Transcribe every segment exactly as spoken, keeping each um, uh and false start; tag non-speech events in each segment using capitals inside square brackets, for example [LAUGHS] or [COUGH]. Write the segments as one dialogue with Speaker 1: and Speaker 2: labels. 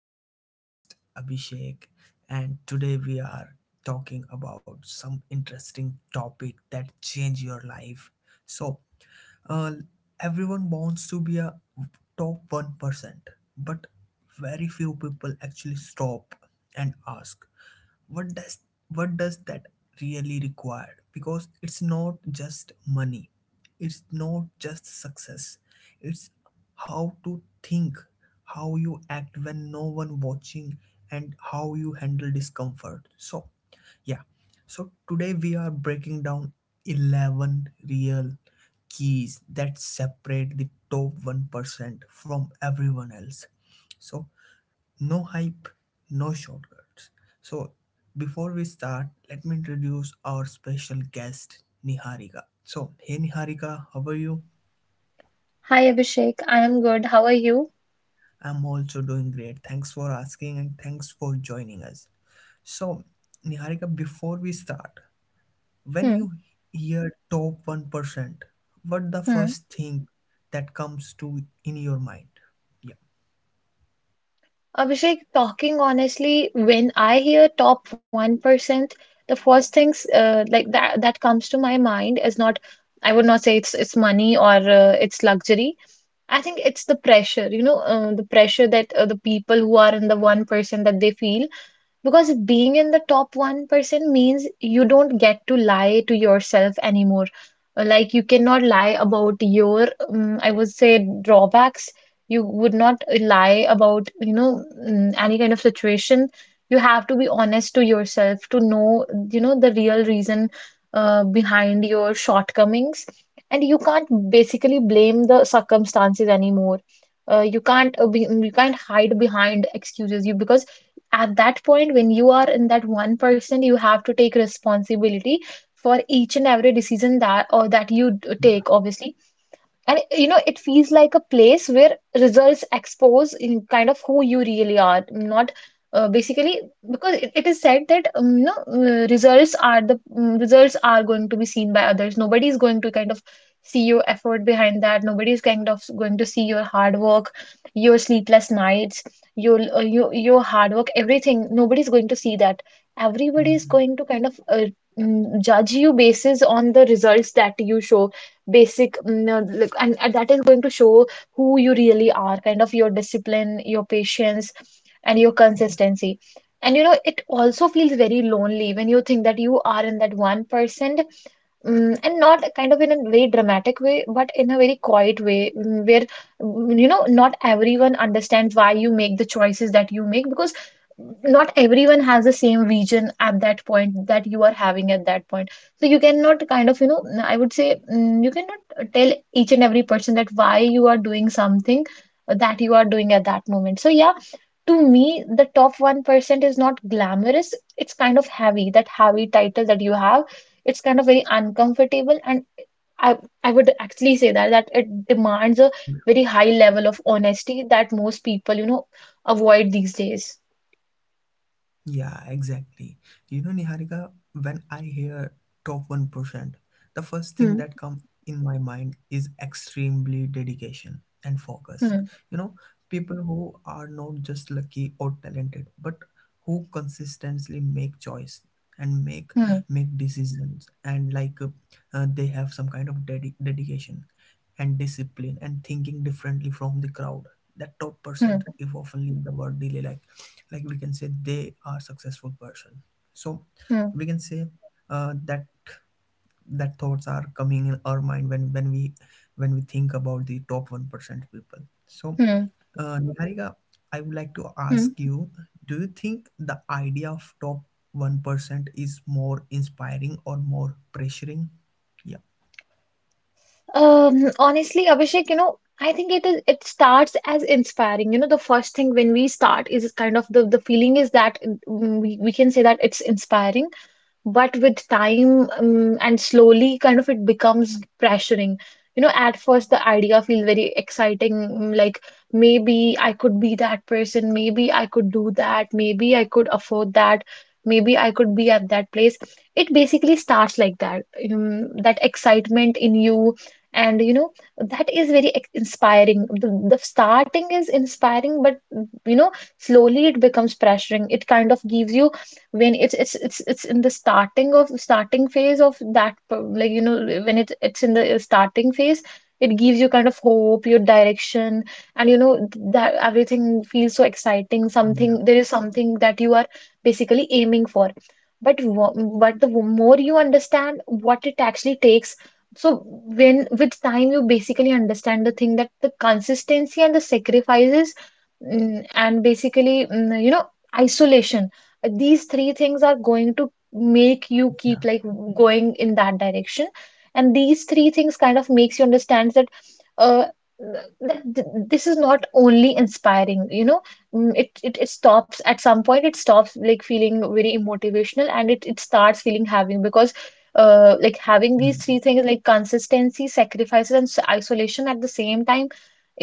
Speaker 1: I am your host, Abhishek. And today we are talking about some interesting topic that change your life. So, uh, Everyone wants to be a top one percent, but very few people actually stop and ask, what does what does that really require? Because it's not just money, it's not just success, it's how to think, how you act when no one watching, and how you handle discomfort. So, yeah. So today we are breaking down eleven real keys that separate the top one percent from everyone else. So, no hype, no shortcuts. So, before we start, let me introduce our special guest, Niharika. So, hey Niharika, how are you?
Speaker 2: Hi Abhishek, I am good. How are you?
Speaker 1: I'm also doing great. Thanks for asking and thanks for joining us. So, Niharika, before we start, when
Speaker 2: Hmm,
Speaker 1: you hear top one percent, what the
Speaker 2: hmm.
Speaker 1: first thing that comes to in your mind? Yeah.
Speaker 2: Abhishek, talking honestly, when I hear top one percent, the first things uh, like that that comes to my mind is not, I would not say it's it's money or uh, it's luxury. I think it's the pressure, you know, uh, the pressure that uh, the people who are in the one percent that they feel. Because being in the top one percent means you don't get to lie to yourself anymore. Uh, Like you cannot lie about your, um, I would say, drawbacks. You would not lie about, you know, mm, any kind of situation. You have to be honest to yourself to know, you know, the real reason uh, behind your shortcomings. And you can't basically blame the circumstances anymore. Uh, you can't uh, be, you can't hide behind excuses. You, because at that point when you are in that one percent you have to take responsibility for each and every decision that or that you d- take, obviously, and you know, it feels like a place where results expose in kind of who you really are, not uh, basically because it, it is said that um, you know uh, results are the mm, results are going to be seen by others. Nobody is going to kind of see your effort behind that. Nobody is kind of going to see your hard work, your sleepless nights, your uh, your your hard work, everything. Nobody is going to see that. Everybody is
Speaker 1: Mhm.
Speaker 2: going to kind of uh, mm, judge you basis on the results that you show basic mm, uh, like, and, and that is going to show who you really are, kind of your discipline, your patience and your
Speaker 1: Yeah.
Speaker 2: consistency. And you know it also feels very lonely when you think that you are in that one percent. Mm, and not kind of in a very dramatic way, but in a very quiet way, mm, where mm, you know not everyone understands why you make the choices that you make, because not everyone has the same vision at that point that you are having at that point. So you cannot kind of, you know, I would say, mm, you cannot tell each and every person that why you are doing something that you are doing at that moment. So yeah, to me, the top one percent is not glamorous. It's kind of heavy. That heavy title that you have, it's kind of very uncomfortable. And I, I would actually say that that it demands a very high level of honesty that most people, you know, avoid these days.
Speaker 1: Yeah, exactly. You know, Niharika, when I hear top one percent, the first thing
Speaker 2: Hmm.
Speaker 1: that come in my mind is extremely dedication and focus.
Speaker 2: Hmm.
Speaker 1: You know, people who are not just lucky or talented, but who consistently make choice and make
Speaker 2: Hmm.
Speaker 1: make decisions and like uh, uh, they have some kind of dedi- dedication and discipline and thinking differently from the crowd. That top
Speaker 2: Hmm.
Speaker 1: percent is often the word delay, like like we can say they are successful person. So
Speaker 2: Hmm.
Speaker 1: we can say uh, that that thoughts are coming in our mind when when we when we think about the top one percent people. So
Speaker 2: Hmm.
Speaker 1: uh, Niharika, I would like to
Speaker 2: Hmm.
Speaker 1: ask you, do you think the idea of top one percent is more inspiring or more pressuring? Yeah.
Speaker 2: Um, honestly, Abhishek, you know, I think it is, it starts as inspiring. You know, the first thing when we start is kind of the the feeling is that, mm, we, we can say that it's inspiring, but with time um, and slowly kind of it becomes pressuring. You know at first the idea feels very exciting, mm, like maybe I could be that person, maybe I could do that, maybe I could afford that, maybe I could be at that place. It basically starts like that, um, that excitement in you. And you know that is very ex- inspiring. The, the starting is inspiring but you know slowly it becomes pressuring. It kind of gives you, when it's it's it's it's in the starting of starting phase of that, like you know when it it's in the uh, starting phase, it gives you kind of hope, your direction, and you know that everything feels so exciting.
Speaker 1: Yeah.
Speaker 2: Something, there is something that you are basically aiming for. But wo- but the more you understand what it actually takes, so when with time you basically understand the thing that the consistency and the sacrifices mm, and basically mm, you know isolation, these three things are going to make you
Speaker 1: Yeah.
Speaker 2: keep like going in that direction. And these three things kind of makes you understand that uh that th- this is not only inspiring, you know. Mm, it, it it stops at some point. It stops like feeling very motivational and it it starts feeling having because uh like having these
Speaker 1: Mm.
Speaker 2: three things like consistency, sacrifices and s- isolation at the same time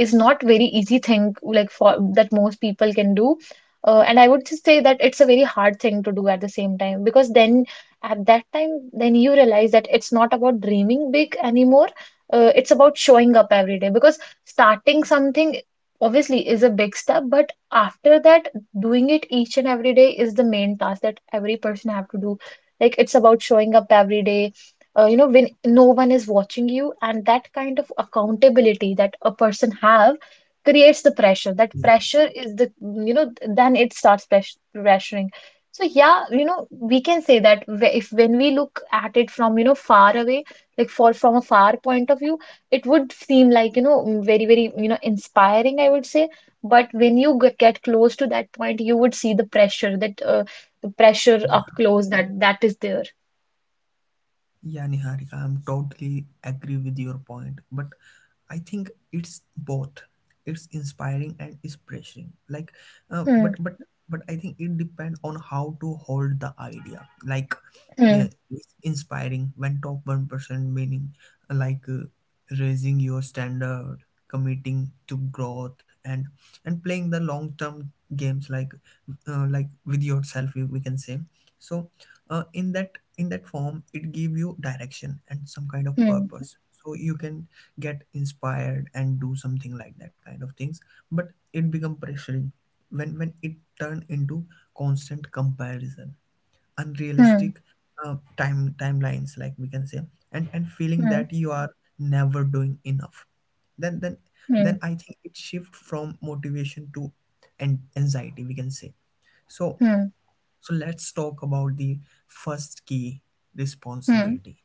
Speaker 2: is not very easy thing like for that most people can do. Uh, and I would just say that it's a very hard thing to do at the same time because then at that time, then you realize that it's not about dreaming big anymore. Uh, it's about showing up every day, because starting something obviously is a big step, but after that, doing it each and every day is the main task that every person have to do. Like it's about showing up every day. Uh, you know, when no one is watching you, and that kind of accountability that a person have creates the pressure. That
Speaker 1: Yeah.
Speaker 2: pressure is the, you know, then it starts press pressuring. So yeah, you know, we can say that wh- if when we look at it from, you know, far away, like for from a far point of view, it would seem like, you know, very, very, you know, inspiring, I would say. But when you g- get close to that point, you would see the pressure that uh, the pressure up
Speaker 1: Yeah.
Speaker 2: close that that is there.
Speaker 1: Yeah, Niharika, I'm totally agree with your point, but I think it's both. It's inspiring and it's pressuring. Like, uh,
Speaker 2: Hmm.
Speaker 1: but but but I think it depends on how to hold the idea. Like, uh,
Speaker 2: Hmm.
Speaker 1: it's inspiring when top one percent meaning uh, like uh, raising your standard, committing to growth, and and playing the long term games, like uh, like with yourself, we we can say. So, uh, in that in that form it give you direction and some kind of
Speaker 2: Hmm.
Speaker 1: purpose so you can get inspired and do something like that kind of things. But it become pressuring when when it turn into constant comparison,
Speaker 2: Hmm.
Speaker 1: unrealistic uh, time timelines, like we can say, and and feeling that you are never doing enough. then then
Speaker 2: Hmm.
Speaker 1: then I think it shift from motivation to an anxiety, we can say. So
Speaker 2: Hmm. Hmm.
Speaker 1: so let's talk about the first key,
Speaker 2: Hmm.
Speaker 1: responsibility.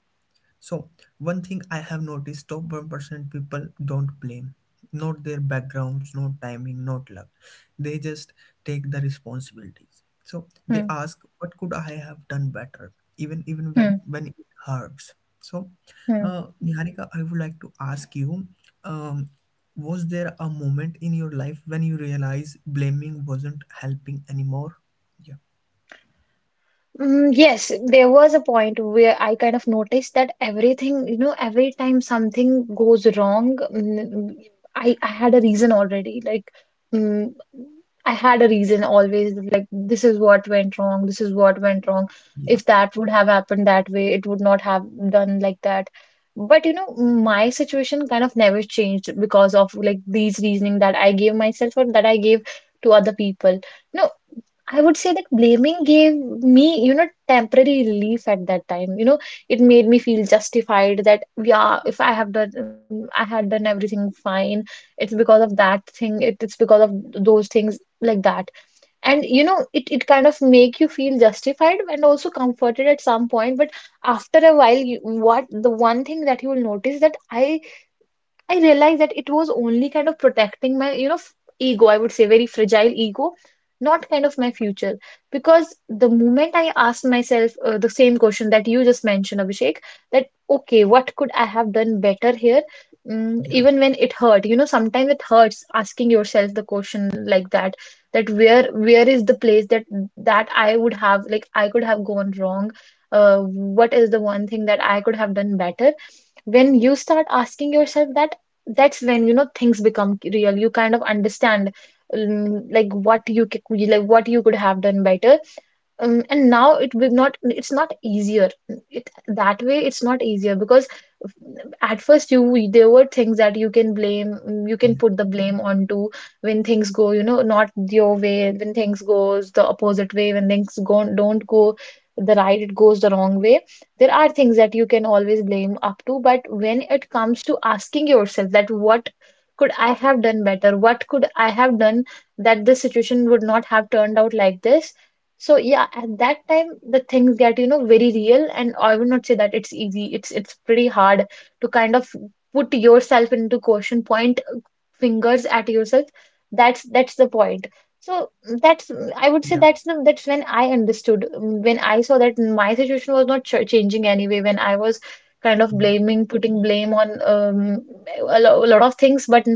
Speaker 1: So one thing I have noticed, top one percent people don't blame, not their backgrounds, not timing, not luck. They just take the responsibilities. So they
Speaker 2: Hmm.
Speaker 1: ask, what could I have done better, even even when
Speaker 2: Hmm.
Speaker 1: when it hurts. So
Speaker 2: hmm.
Speaker 1: uh, Niharika, I would like to ask you, um, was there a moment in your life when you realized blaming wasn't helping anymore? Yeah.
Speaker 2: Mm, Yes, there was a point where I kind of noticed that everything, you know, every time something goes wrong, mm, I, I had a reason already. Like, mm, I had a reason always. Like, this is what went wrong. This is what went wrong. If that would have happened that way, it would not have done like that. But, you know, my situation kind of never changed because of like these reasoning that I gave myself or that I gave to other people. No, I would say that blaming gave me, you know, temporary relief at that time. You know, it made me feel justified that, yeah, if I have done, um, I had done everything fine. It's because of that thing. It, it's because of those things like that. And you know, it it kind of make you feel justified and also comforted at some point. But after a while, you, what the one thing that you will notice that I I realized that it was only kind of protecting my, you know, f- ego, I would say, very fragile ego, not kind of my future. Because the moment I asked myself uh, the same question that you just mentioned, Abhishek, that, okay, what could I have done better here? Mm,
Speaker 1: Yeah,
Speaker 2: even when it hurt, you know, sometimes it hurts asking yourself the question like that, that where where is the place that that I would have, like I could have gone wrong? Uh, what is the one thing that I could have done better? When you start asking yourself that, that's when you know things become real. You kind of understand, um, like what you c- like what you could have done better, um, and now it will not, it's not easier. It that way it's not easier because at first you there were things that you can blame, you can
Speaker 1: yeah,
Speaker 2: put the blame onto when things go you know not your way, when things goes the opposite way, when things go don't go the right, it goes the wrong way, there are things that you can always blame up to. But when it comes to asking yourself that what could I have done better, what could I have done that this situation would not have turned out like this, so yeah, at that time the things get, you know, very real and I would not say that it's easy. It's it's pretty hard to kind of put yourself into question, point uh, fingers at yourself. That's that's the point. So mm, that's mm, I would say
Speaker 1: yeah,
Speaker 2: that's the that's when I understood, mm, when I saw that my situation was not ch changing anyway when I was kind of
Speaker 1: mm,
Speaker 2: blaming, putting blame on um, a, lo a lot of things, but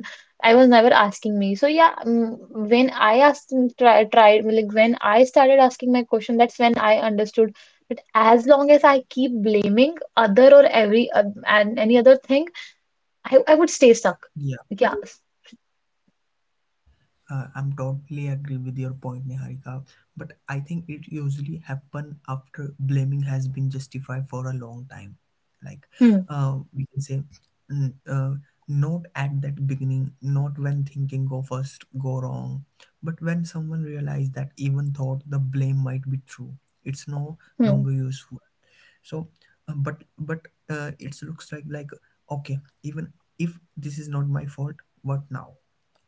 Speaker 2: I was never asking me. So yeah, mm, when I asked, mm, try, tried, like when I started asking my question, that's when I understood. But as long as I keep blaming other or every uh, and any other thing, I, I would stay stuck.
Speaker 1: yeah.
Speaker 2: Like, yeah. s-
Speaker 1: Uh, I'm totally agree with your point, Niharika. But I think it usually happen after blaming has been justified for a long time. Like,
Speaker 2: Hmm.
Speaker 1: uh, we can say, mm, uh, not at that beginning, not when thinking go first go wrong, but when someone realized that even thought the blame might be true, it's no
Speaker 2: Hmm.
Speaker 1: longer useful. So uh, but but uh, it looks like like okay, even if this is not my fault, what now?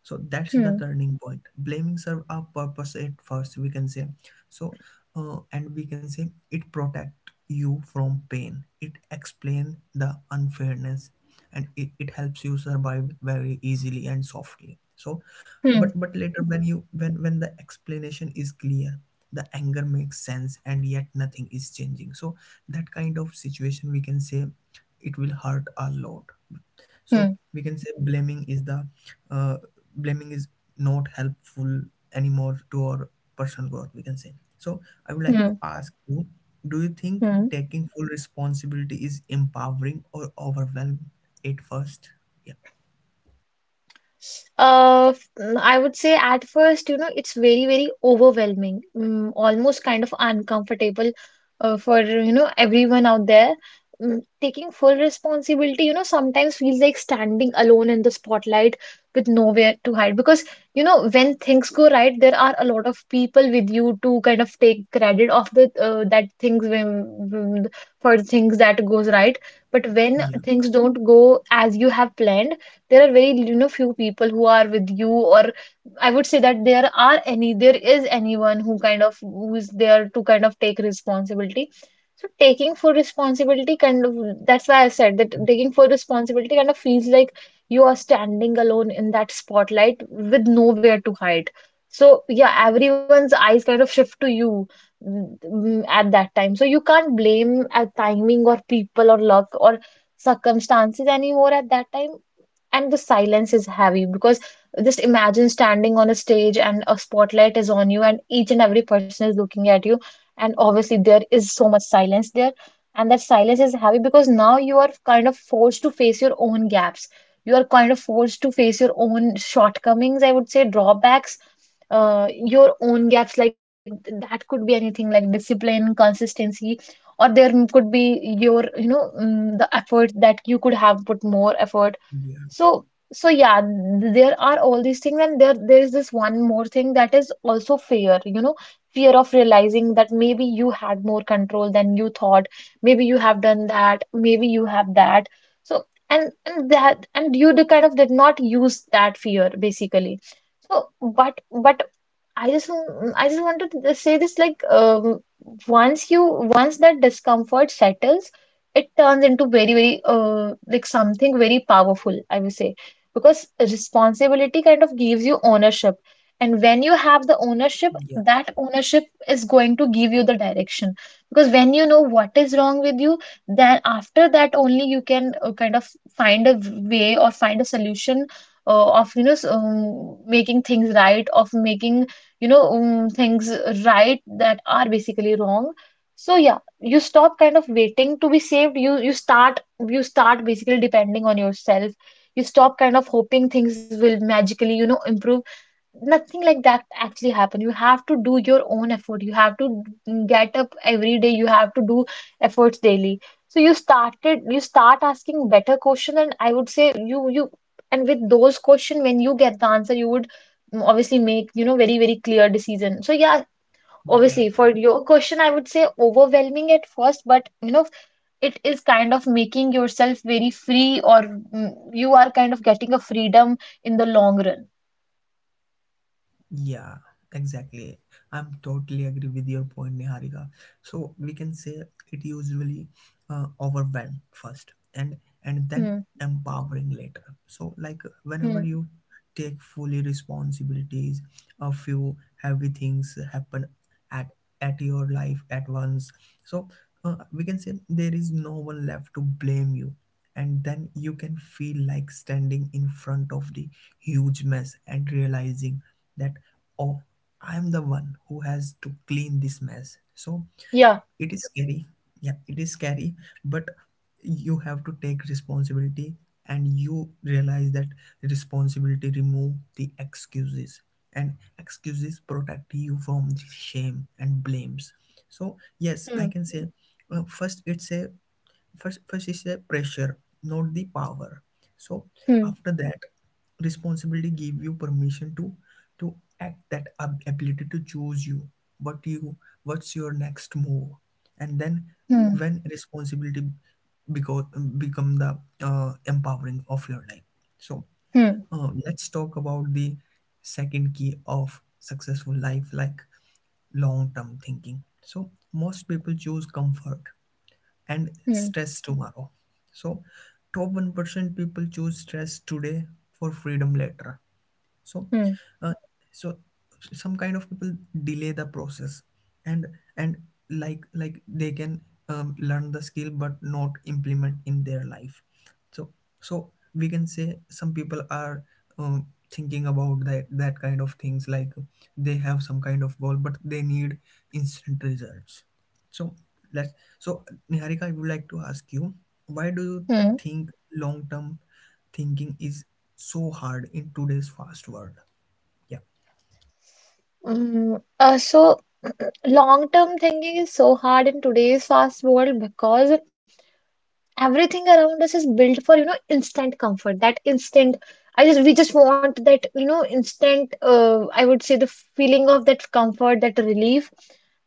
Speaker 1: So that's the
Speaker 2: Hmm.
Speaker 1: turning point. Blaming serve a purpose at first, we can say. So uh, and we can say it protect you from pain, it explain the unfairness, and it, it helps you survive very easily and softly. So
Speaker 2: Hmm.
Speaker 1: but but later when you when when the explanation is clear, the anger makes sense and yet nothing is changing, so that kind of situation, we can say, it will hurt a lot. So
Speaker 2: Hmm.
Speaker 1: we can say blaming is the uh, blaming is not helpful anymore to our personal growth, we can say. So I would like
Speaker 2: Hmm.
Speaker 1: to ask you, do you think
Speaker 2: Hmm.
Speaker 1: taking full responsibility is empowering or overwhelming at first? Yeah
Speaker 2: Uh, f- mm, I would say at first, you know, it's very, very overwhelming, mm, almost kind of uncomfortable uh, for, you know, everyone out there. Mm, taking full responsibility, you know, sometimes feels like standing alone in the spotlight with nowhere to hide. Because, you know, when things go right, there are a lot of people with you to kind of take credit of the uh, that things when, when- for things that goes right. But when
Speaker 1: yeah
Speaker 2: things don't go as you have planned, there are very, you know, few people who are with you, or I would say that there are any there is anyone who kind of who is there to kind of take responsibility. So taking full responsibility kind of that's why I said that taking full responsibility kind of feels like you are standing alone in that spotlight with nowhere to hide. So yeah, everyone's eyes kind of shift to you, mm, mm, at that time. So you can't blame uh timing or people or luck or circumstances anymore at that time, and the silence is heavy because just imagine standing on a stage and a spotlight is on you and each and every person is looking at you, and obviously there is so much silence there. And that silence is heavy because now you are kind of forced to face your own gaps, you are kind of forced to face your own shortcomings, I would say drawbacks, uh, your own gaps, like that could be anything like discipline, consistency, or there m- could be your, you know, mm, the effort, that you could have put more effort.
Speaker 1: yeah
Speaker 2: so, so yeah, th- there are all these things, and there there is this one more thing that is also fear, you know, fear of realizing that maybe you had more control than you thought, maybe you have done that, maybe you have that. So, and and that, and you d- kind of did not use that fear, basically. So, but but I just want- I just wanted to say this, like, um, once you— once that discomfort settles, it turns into very very uh, like something very powerful, I would say, because responsibility kind of gives you ownership, and when you have the ownership,
Speaker 1: yeah
Speaker 2: that ownership is going to give you the direction. Because when you know what is wrong with you, then after that only you can uh, kind of find a way, or find a solution uh, of, you know, s- um, making things right, of making, you know, um, things right that are basically wrong. So yeah, you stop kind of waiting to be saved, you you start— you start basically depending on yourself. You stop kind of hoping things will magically, you know, improve. Nothing like that actually happen. You have to do your own effort, you have to get up every day, you have to do efforts daily. So you started you start asking better question, and I would say you you and with those question, when you get the answer, you would mm, obviously make, you know, very very clear decision. So yeah,
Speaker 1: yeah.
Speaker 2: obviously for your question, I would say overwhelming at first, but you know, it is kind of making yourself very free, or mm, you are kind of getting a freedom in the long run.
Speaker 1: Yeah, exactly. I'm totally agree with your point, Niharika. So we can say it usually uh, overwhelm first and and then
Speaker 2: Hmm,
Speaker 1: empowering later. So like whenever
Speaker 2: hmm.
Speaker 1: you take fully responsibilities, a few heavy things happen at at your life at once. So uh, we can say there is no one left to blame you. And then you can feel like standing in front of the huge mess and realizing that oh, I'm the one who has to clean this mess. So
Speaker 2: Yeah.
Speaker 1: it is scary, yeah it is scary, but you have to take responsibility. And you realize that responsibility remove the excuses, and excuses protect you from the shame and blames. So yes I
Speaker 2: Hmm.
Speaker 1: can say uh, first it's a first first is a pressure, not the power. So
Speaker 2: Hmm.
Speaker 1: after that responsibility gave you permission to to act, that ab- ability to choose you what you what's your next move. And then
Speaker 2: Hmm.
Speaker 1: when responsibility become become the uh, empowering of your life. So
Speaker 2: Hmm.
Speaker 1: uh, let's talk about the second key of successful life, like long term thinking. So most people choose comfort and
Speaker 2: Hmm.
Speaker 1: stress tomorrow, so top one percent people choose stress today for freedom later. So
Speaker 2: Hmm.
Speaker 1: uh, so some kind of people delay the process and and like like they can um, learn the skill but not implement in their life. So so we can say some people are um, thinking about that that kind of things, like they have some kind of goal but they need instant results. So let's so niharika, I would like to ask you, why do you
Speaker 2: Hmm.
Speaker 1: think long term thinking is so hard in today's fast world? Yeah,
Speaker 2: Mm, Uh, so [CLEARS THROAT] long-term thinking is so hard in today's fast world because everything around us is built for, you know, instant comfort, that instant— I just we just want that, you know, instant, uh, I would say the feeling of that comfort, that relief.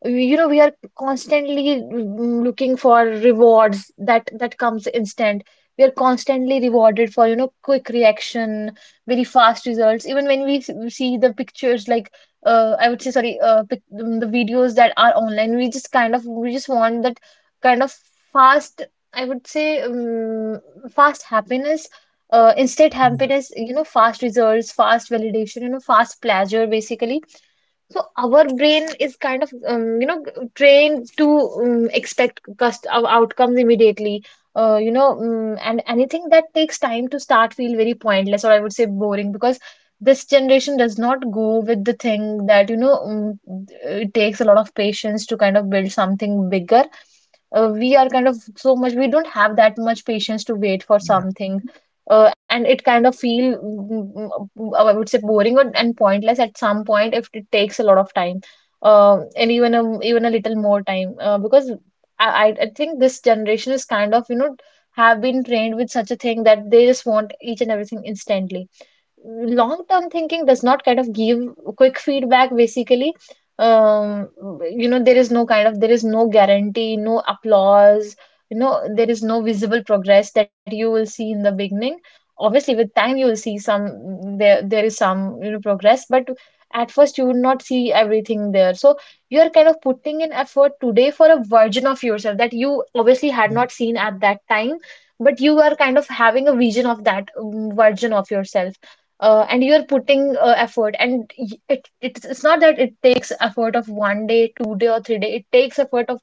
Speaker 2: We- you know, we are constantly, mm, looking for rewards that that comes instant. We are constantly rewarded for, you know, quick reaction, very fast results. Even when we s- we see the pictures, like uh, I would say, sorry, uh, pic- mm, the videos that are online, we just kind of— we just want that kind of fast, I would say, um, fast happiness, uh, instant
Speaker 1: yeah,
Speaker 2: happiness, you know, fast results, fast validation, you know, fast pleasure, basically. So our brain is kind of, um, you know, trained to um, expect cust ou- outcomes immediately, uh, you know, um, and anything that takes time to start feel very pointless, or I would say boring, because this generation does not go with the thing that, you know, um, it takes a lot of patience to kind of build something bigger. Uh, we are kind of so much— we don't have that much patience to wait for
Speaker 1: yeah,
Speaker 2: something, uh, and it kind of feel, mm, mm, mm, I would say, boring or— and pointless at some point if it takes a lot of time, uh, and even a— even a little more time, uh, because I, I I think this generation is kind of, you know, have been trained with such a thing that they just want each and everything instantly. Long-term thinking does not kind of give quick feedback, basically. um, you know, there is no kind of there is no guarantee, no applause, you know, there is no visible progress that you will see in the beginning. Obviously, with time you will see some— there there is some, you know, progress, but at first you would not see everything there. So you are kind of putting in effort today for a version of yourself that you obviously had
Speaker 1: yeah,
Speaker 2: not seen at that time, but you are kind of having a vision of that, um, version of yourself, uh, and you're putting uh, effort, and y- it, it's— it's not that it takes effort of one day, two day, or three day. It takes effort of,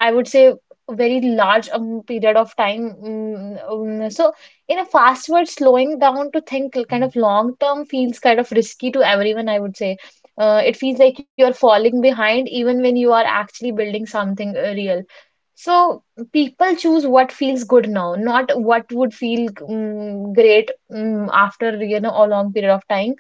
Speaker 2: I would say, a very large, um, period of time, mm, um, so in a fast world, slowing down to think kind
Speaker 1: yeah.
Speaker 2: of long term feels kind of risky to everyone, I would say. Uh, it feels like you're falling behind, even when you are actually building something, uh, real. So people choose what feels good now, not what would feel mm great mm after, you know, a long period of time.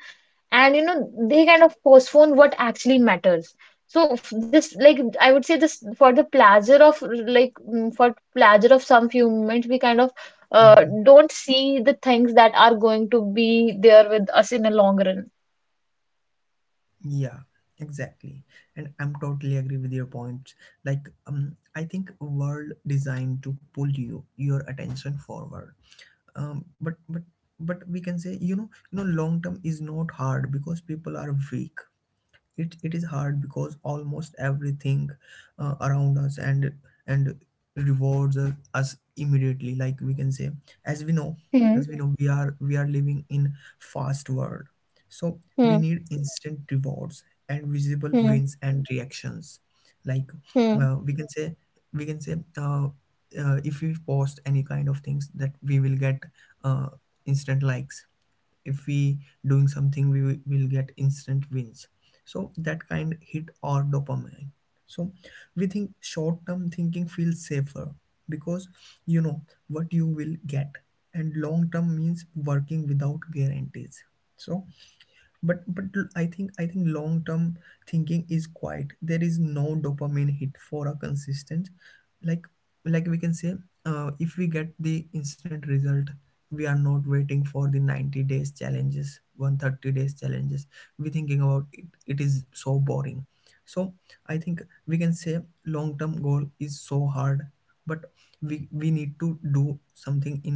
Speaker 2: And you know, they kind of postpone what actually matters. So f- this, like, I would say this for the pleasure of like, mm, for pleasure of some few moments, we kind of, uh,
Speaker 1: Mhm.
Speaker 2: don't see the things that are going to be there with us in a long run.
Speaker 1: Yeah, exactly. And I'm totally agree with your point. Like, um, I think world designed to pull you your attention forward. Um, but but but we can say you know you know long term is not hard because people are weak, it, it is hard because almost everything uh, around us and and rewards uh, us immediately. Like we can say, as we know
Speaker 2: Hmm.
Speaker 1: as we know we are we are living in fast world, so we
Speaker 2: Hmm.
Speaker 1: need instant rewards and visible
Speaker 2: Hmm.
Speaker 1: wins and reactions. Like
Speaker 2: Hmm.
Speaker 1: uh, we can say we can say uh, uh, if we post any kind of things that we will get uh, instant likes, if we doing something we will will get instant wins. So that kind hit our dopamine. So we think short term thinking feels safer, because you know what you will get, and long term means working without guarantees. So but but I think i think long term thinking is quite, there is no dopamine hit for a consistent, like like we can say, uh, if we get the instant result, we are not waiting for the ninety days challenges one thirty days challenges. We thinking about it, it is so boring. So I think we can say long term goal is so hard, but we we need to do something in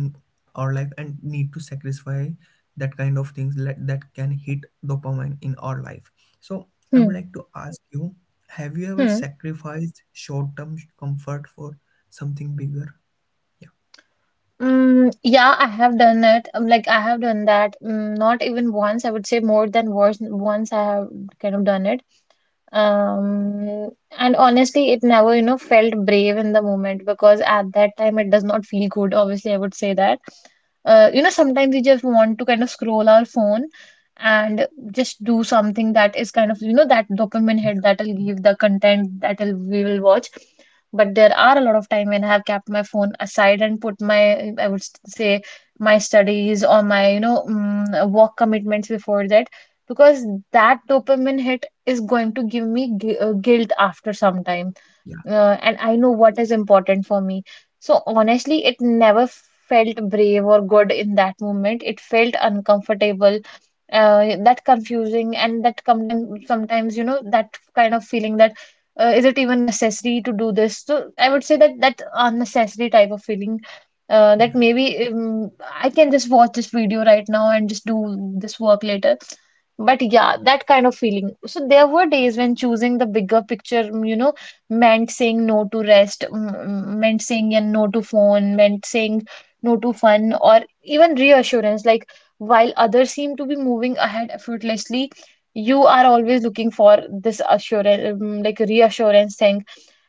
Speaker 1: our life and need to sacrifice that kind of things, let, that can hit dopamine in our life. So I
Speaker 2: Hmm.
Speaker 1: would like to ask you, have you ever
Speaker 2: Hmm.
Speaker 1: sacrificed short-term comfort for something bigger? Yeah
Speaker 2: Mm, yeah, I have done it. Um, Like, I have done that. Mm, not even once, I would say, more than once. Once I have kind of done it. Um, and honestly, it never, you know, felt brave in the moment, because at that time it does not feel good. Obviously, I would say that. Uh, you know, sometimes we just want to kind of scroll our phone and just do something that is kind of, you know, that dopamine hit,
Speaker 1: yeah
Speaker 2: that'll give the content that'll we will watch. But there are a lot of time when I have kept my phone aside and put my, I would s- say, my studies or my, you know, mm, work commitments before that, because that dopamine hit is going to give me gu- uh, guilt after some time,
Speaker 1: yeah
Speaker 2: uh, and I know what is important for me. So honestly, it never felt brave or good in that moment. It felt uncomfortable, uh, that confusing, and that sometimes sometimes you know, that kind of feeling that, uh, is it even necessary to do this? So I would say that, that unnecessary type of feeling. Uh, that
Speaker 1: yeah
Speaker 2: maybe um, I can just watch this video right now and just do this work later. But yeah, that kind of feeling. So there were days when choosing the bigger picture, you know, meant saying no to rest, m- m- meant saying and no to phone, meant saying no to fun, or even reassurance. Like, while others seem to be moving ahead effortlessly, you are always looking for this assurance, um, like reassurance thing.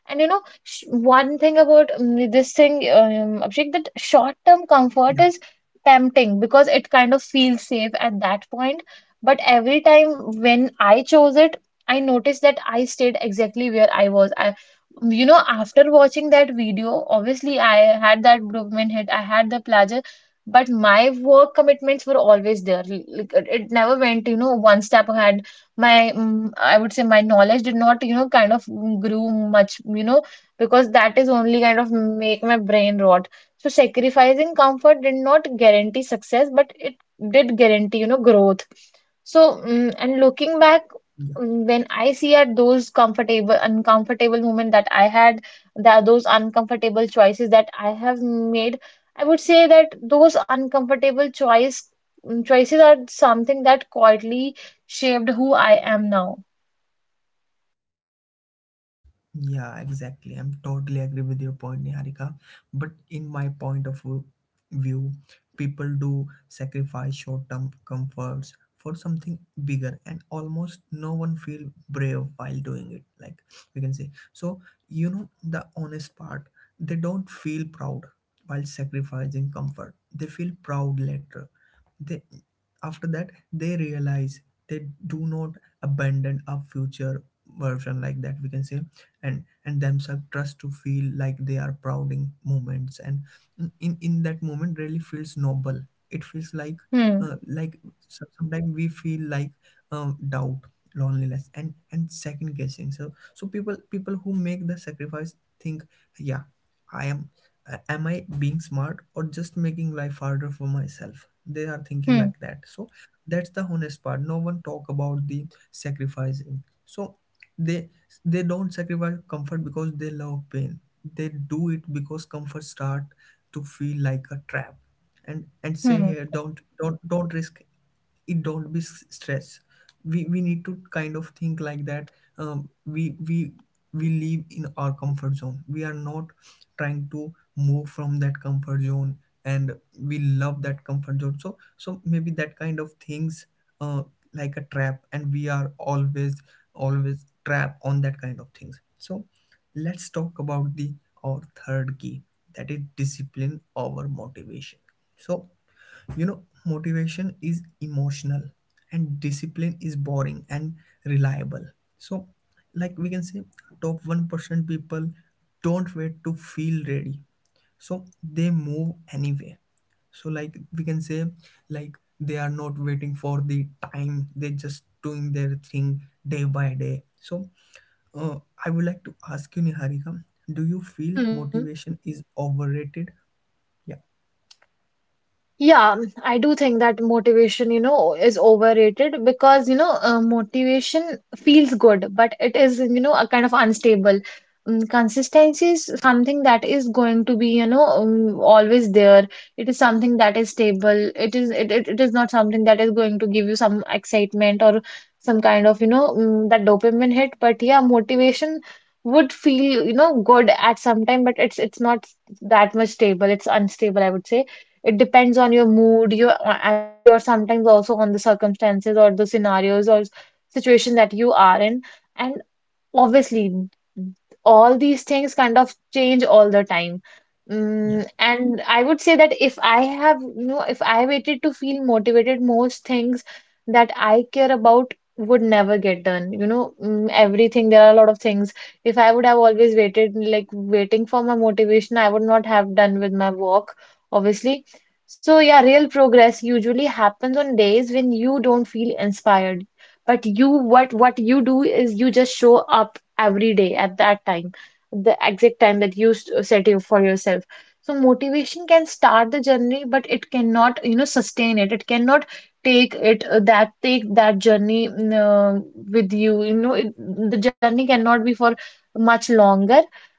Speaker 2: And you know, sh one thing about um, this thing, um, Abhishek, that short-term comfort is tempting because it kind of feels safe at that point. But every time when I chose it, I noticed that I stayed exactly where I was. I, you know, after watching that video, obviously I had that Brooklyn hit, I had the Plaza, but my work commitments were always there. Like, it it never went, you know, one step ahead. My, mm, I would say my knowledge did not, you know, kind of grew much, you know, because that is only kind of make my brain rot. So sacrificing comfort did not guarantee success, but it did guarantee, you know, growth. So mm and looking back,
Speaker 1: yeah.
Speaker 2: mm, when I see at those comfortable uncomfortable moment that I had, that those uncomfortable choices that I have made, I would say that those uncomfortable choice mm, choices are something that quietly shaped who I am now.
Speaker 1: Yeah, exactly. I'm totally agree with your point, Niharika. But in my point of view, view, people do sacrifice short-term comforts for something bigger, and almost no one feel brave while doing it. Like we can say, so you know the honest part, they don't feel proud while sacrificing comfort. They feel proud later. They after that they realize they do not abandon a future version, like that we can say. and and themselves trust to feel like they are proud in moments, and in in that moment really feels noble. It feels like
Speaker 2: Hmm,
Speaker 1: uh, like so- sometimes we feel like um, doubt, loneliness and and second guessing. So so people people who make the sacrifice think, yeah I am, uh, am I being smart or just making life harder for myself? They are thinking
Speaker 2: hmm,
Speaker 1: like that. So that's the honest part no one talk about the sacrificing. So they they don't sacrifice comfort because they love pain. They do it because comfort start to feel like a trap. And and say
Speaker 2: hmm,
Speaker 1: here, don't don't don't risk it, don't be s- stress. We we need to kind of think like that. Um, we we we live in our comfort zone. We are not trying to move from that comfort zone, and we love that comfort zone. So so maybe that kind of things uh, like a trap, and we are always always trap on that kind of things. So let's talk about the our third key, that is discipline over motivation. So you know motivation is emotional, and discipline is boring and reliable. So like we can say, top one percent people don't wait to feel ready, so they move anyway. So like we can say, like they are not waiting for the time, they just doing their thing day by day. So uh, I would like to ask you, Niharika, do you feel
Speaker 2: Hmm.
Speaker 1: motivation is overrated? Yeah.
Speaker 2: Yeah, I do think that motivation, you know, is overrated, because, you know, uh, motivation feels good, but it is, you know, a kind of unstable. Um, consistency is something that is going to be, you know, um, always there. It is something that is stable. It is it, it, it is not something that is going to give you some excitement or some kind of, you know, um, that dopamine hit. But yeah, motivation would feel, you know, good at some time, but it's it's not that much stable. It's unstable, I would say. It depends on your mood, your uh, energy, or sometimes also on the circumstances or the scenarios or situation that you are in. And Obviously, all these things kind of change all the time. Mm,
Speaker 1: Yeah.
Speaker 2: and I would say that if I have, you know, if I waited to feel motivated, most things that I care about would never get done. You know, mm, everything, there are a lot of things. If I would have always waited, like waiting for my motivation, I would not have done with my work, obviously. So, yeah, real progress usually happens on days when you don't feel inspired, but you what what you do is you just show up every day at that time, the exact time that you s- set you for yourself. So motivation can start the journey, but it cannot, you know, sustain it. It cannot take it uh, that take that journey mm, uh, with you, you know, it, the journey cannot be for much longer.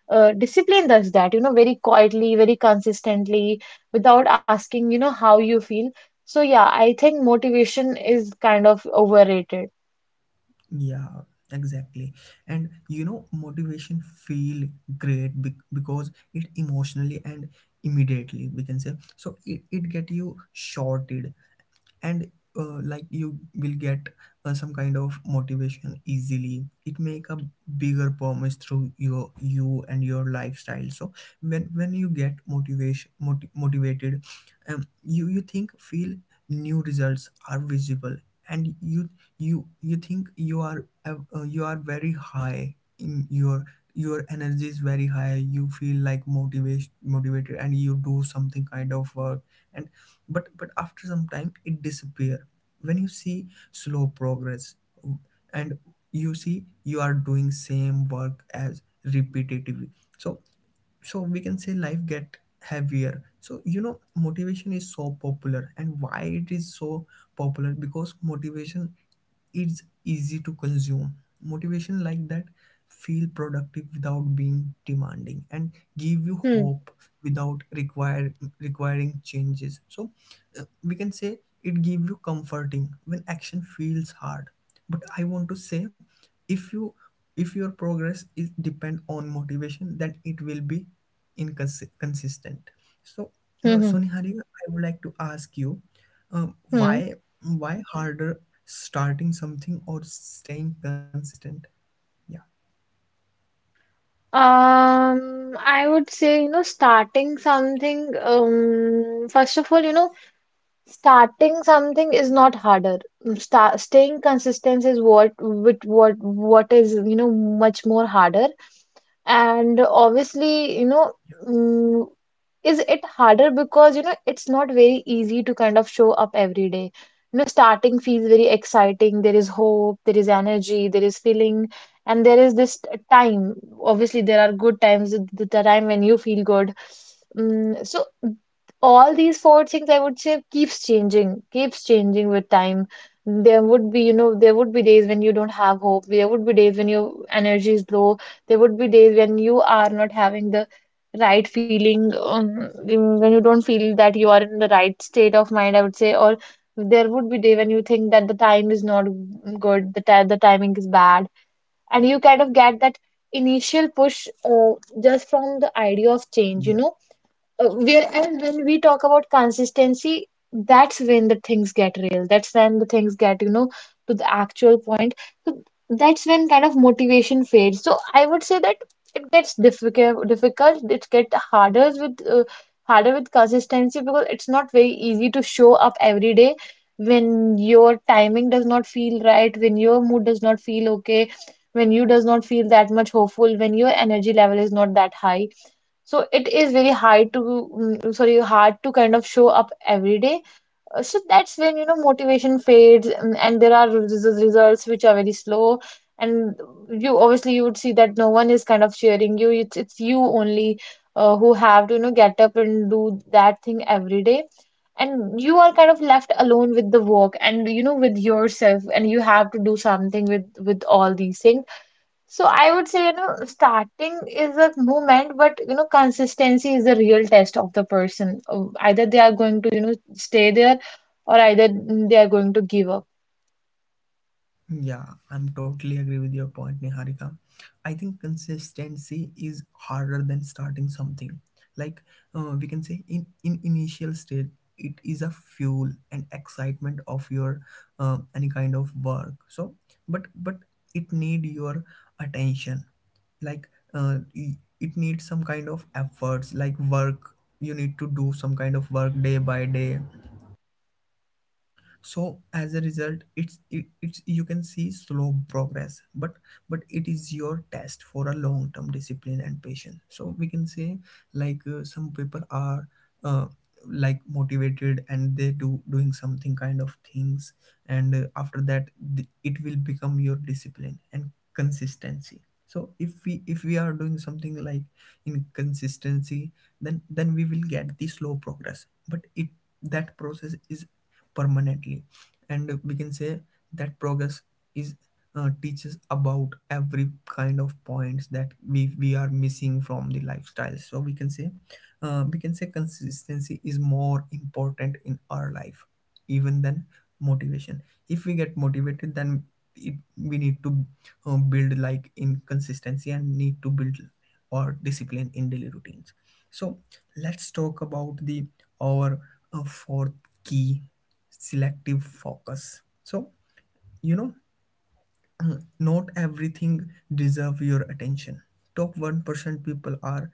Speaker 2: uh, Discipline does that, you know, very quietly, very consistently, without asking, you know, how you feel. So yeah, I think motivation is kind of overrated.
Speaker 1: Yeah, exactly. And you know motivation feel great be- because it emotionally and immediately, we can say. So it, it get you shorted. And uh, like you will get uh, some kind of motivation easily. It make a bigger promise through your you and your lifestyle. So when when you get motivation moti- motivated, um, you you think feel new results are visible. And you you you think you are uh, uh, you are very high in your your energy is very high. You feel like motivation motivated and you do something kind of work. And but but after some time it disappear, when you see slow progress. And you see you are doing same work as repetitively. So so we can say life get heavier. So you know, motivation is so popular. And why it is so popular? Because motivation, it's easy to consume. Motivation like that feel productive without being demanding and give you
Speaker 2: Hmm.
Speaker 1: hope without require requiring changes. So uh, we can say it give you comforting when action feels hard. But I want to say, if you, if your progress is depend on motivation, then it will be inconsistent. So
Speaker 2: Hmm.
Speaker 1: uh, so
Speaker 2: Hmm.
Speaker 1: Niharika, I would like to ask you, uh,
Speaker 2: hmm.
Speaker 1: why why harder, starting something or staying consistent? Yeah.
Speaker 2: Um, I would say, you know, starting something, um, first of all, you know, Starting something is not harder. Mm, Sta staying consistent is what with what what is, you know, much more harder. And obviously, you know, mm, is it harder because, you know, it's not very easy to kind of show up every day. You know, starting feels very exciting. There is hope, there is energy, there is feeling, and there is this t- time. Obviously, there are good times, the the time when you feel good. Mm, so all these four things, I would say, keeps changing, keeps changing with time. There would be, you know, there would be days when you don't have hope. There would be days when your energy is low. There would be days when you are not having the right feeling, um, in- when you don't feel that you are in the right state of mind, I would say. Or there would be day when you think that the time is not good, the ti the timing is bad, and you kind of get that initial push, uh, just from the idea of change, you
Speaker 1: Yeah.
Speaker 2: know. Uh, where and when we talk about consistency, that's when the things get real. That's when the things get, you know, to the actual point. So that's when kind of motivation fades. So I would say that it gets difficult, difficult. It gets harder with uh, harder with consistency because it's not very easy to show up every day when your timing does not feel right, when your mood does not feel okay, when you does not feel that much hopeful, when your energy level is not that high, so it is very hard to, mm, sorry, hard to kind of show up every day. Uh, So that's when, you know, motivation fades, mm, and there are res- results which are very slow. And you, obviously, you would see that no one is kind of cheering you. It's, it's you only uh, who have to, you know, get up and do that thing every day. And you are kind of left alone with the work and, you know, with yourself, and you have to do something with with all these things. So I would say, you know, starting is a movement, but, you know, consistency is the real test of the person. Uh, Either they are going to, you know, stay there, or either they are going to give up.
Speaker 1: Yeah, I'm totally agree with your point, Niharika. I think consistency is harder than starting something. Like uh, we can say, in in initial state, it is a fuel and excitement of your uh, any kind of work. So, but but it need your attention. Like uh, y- it needs some kind of efforts, like work. You need to do some kind of work day by day. So as a result, it's it, it's, you can see slow progress, but but it is your test for a long term discipline and patience. So we can say, like uh, some people are uh, like motivated, and they do doing something kind of things. And uh, after that, th- it will become your discipline and consistency. So if we if we are doing something like inconsistency, then then we will get the slow progress, but it, that process is permanently. And we can say that progress is uh, teaches about every kind of points that we, we are missing from the lifestyle. So we can say uh, we can say consistency is more important in our life, even than motivation. If we get motivated, then it, we need to uh, build like inconsistency, and need to build or discipline in daily routines. So let's talk about the our uh, fourth key, selective focus. So, you know, [CLEARS THROAT] not everything deserve your attention. Top one percent people are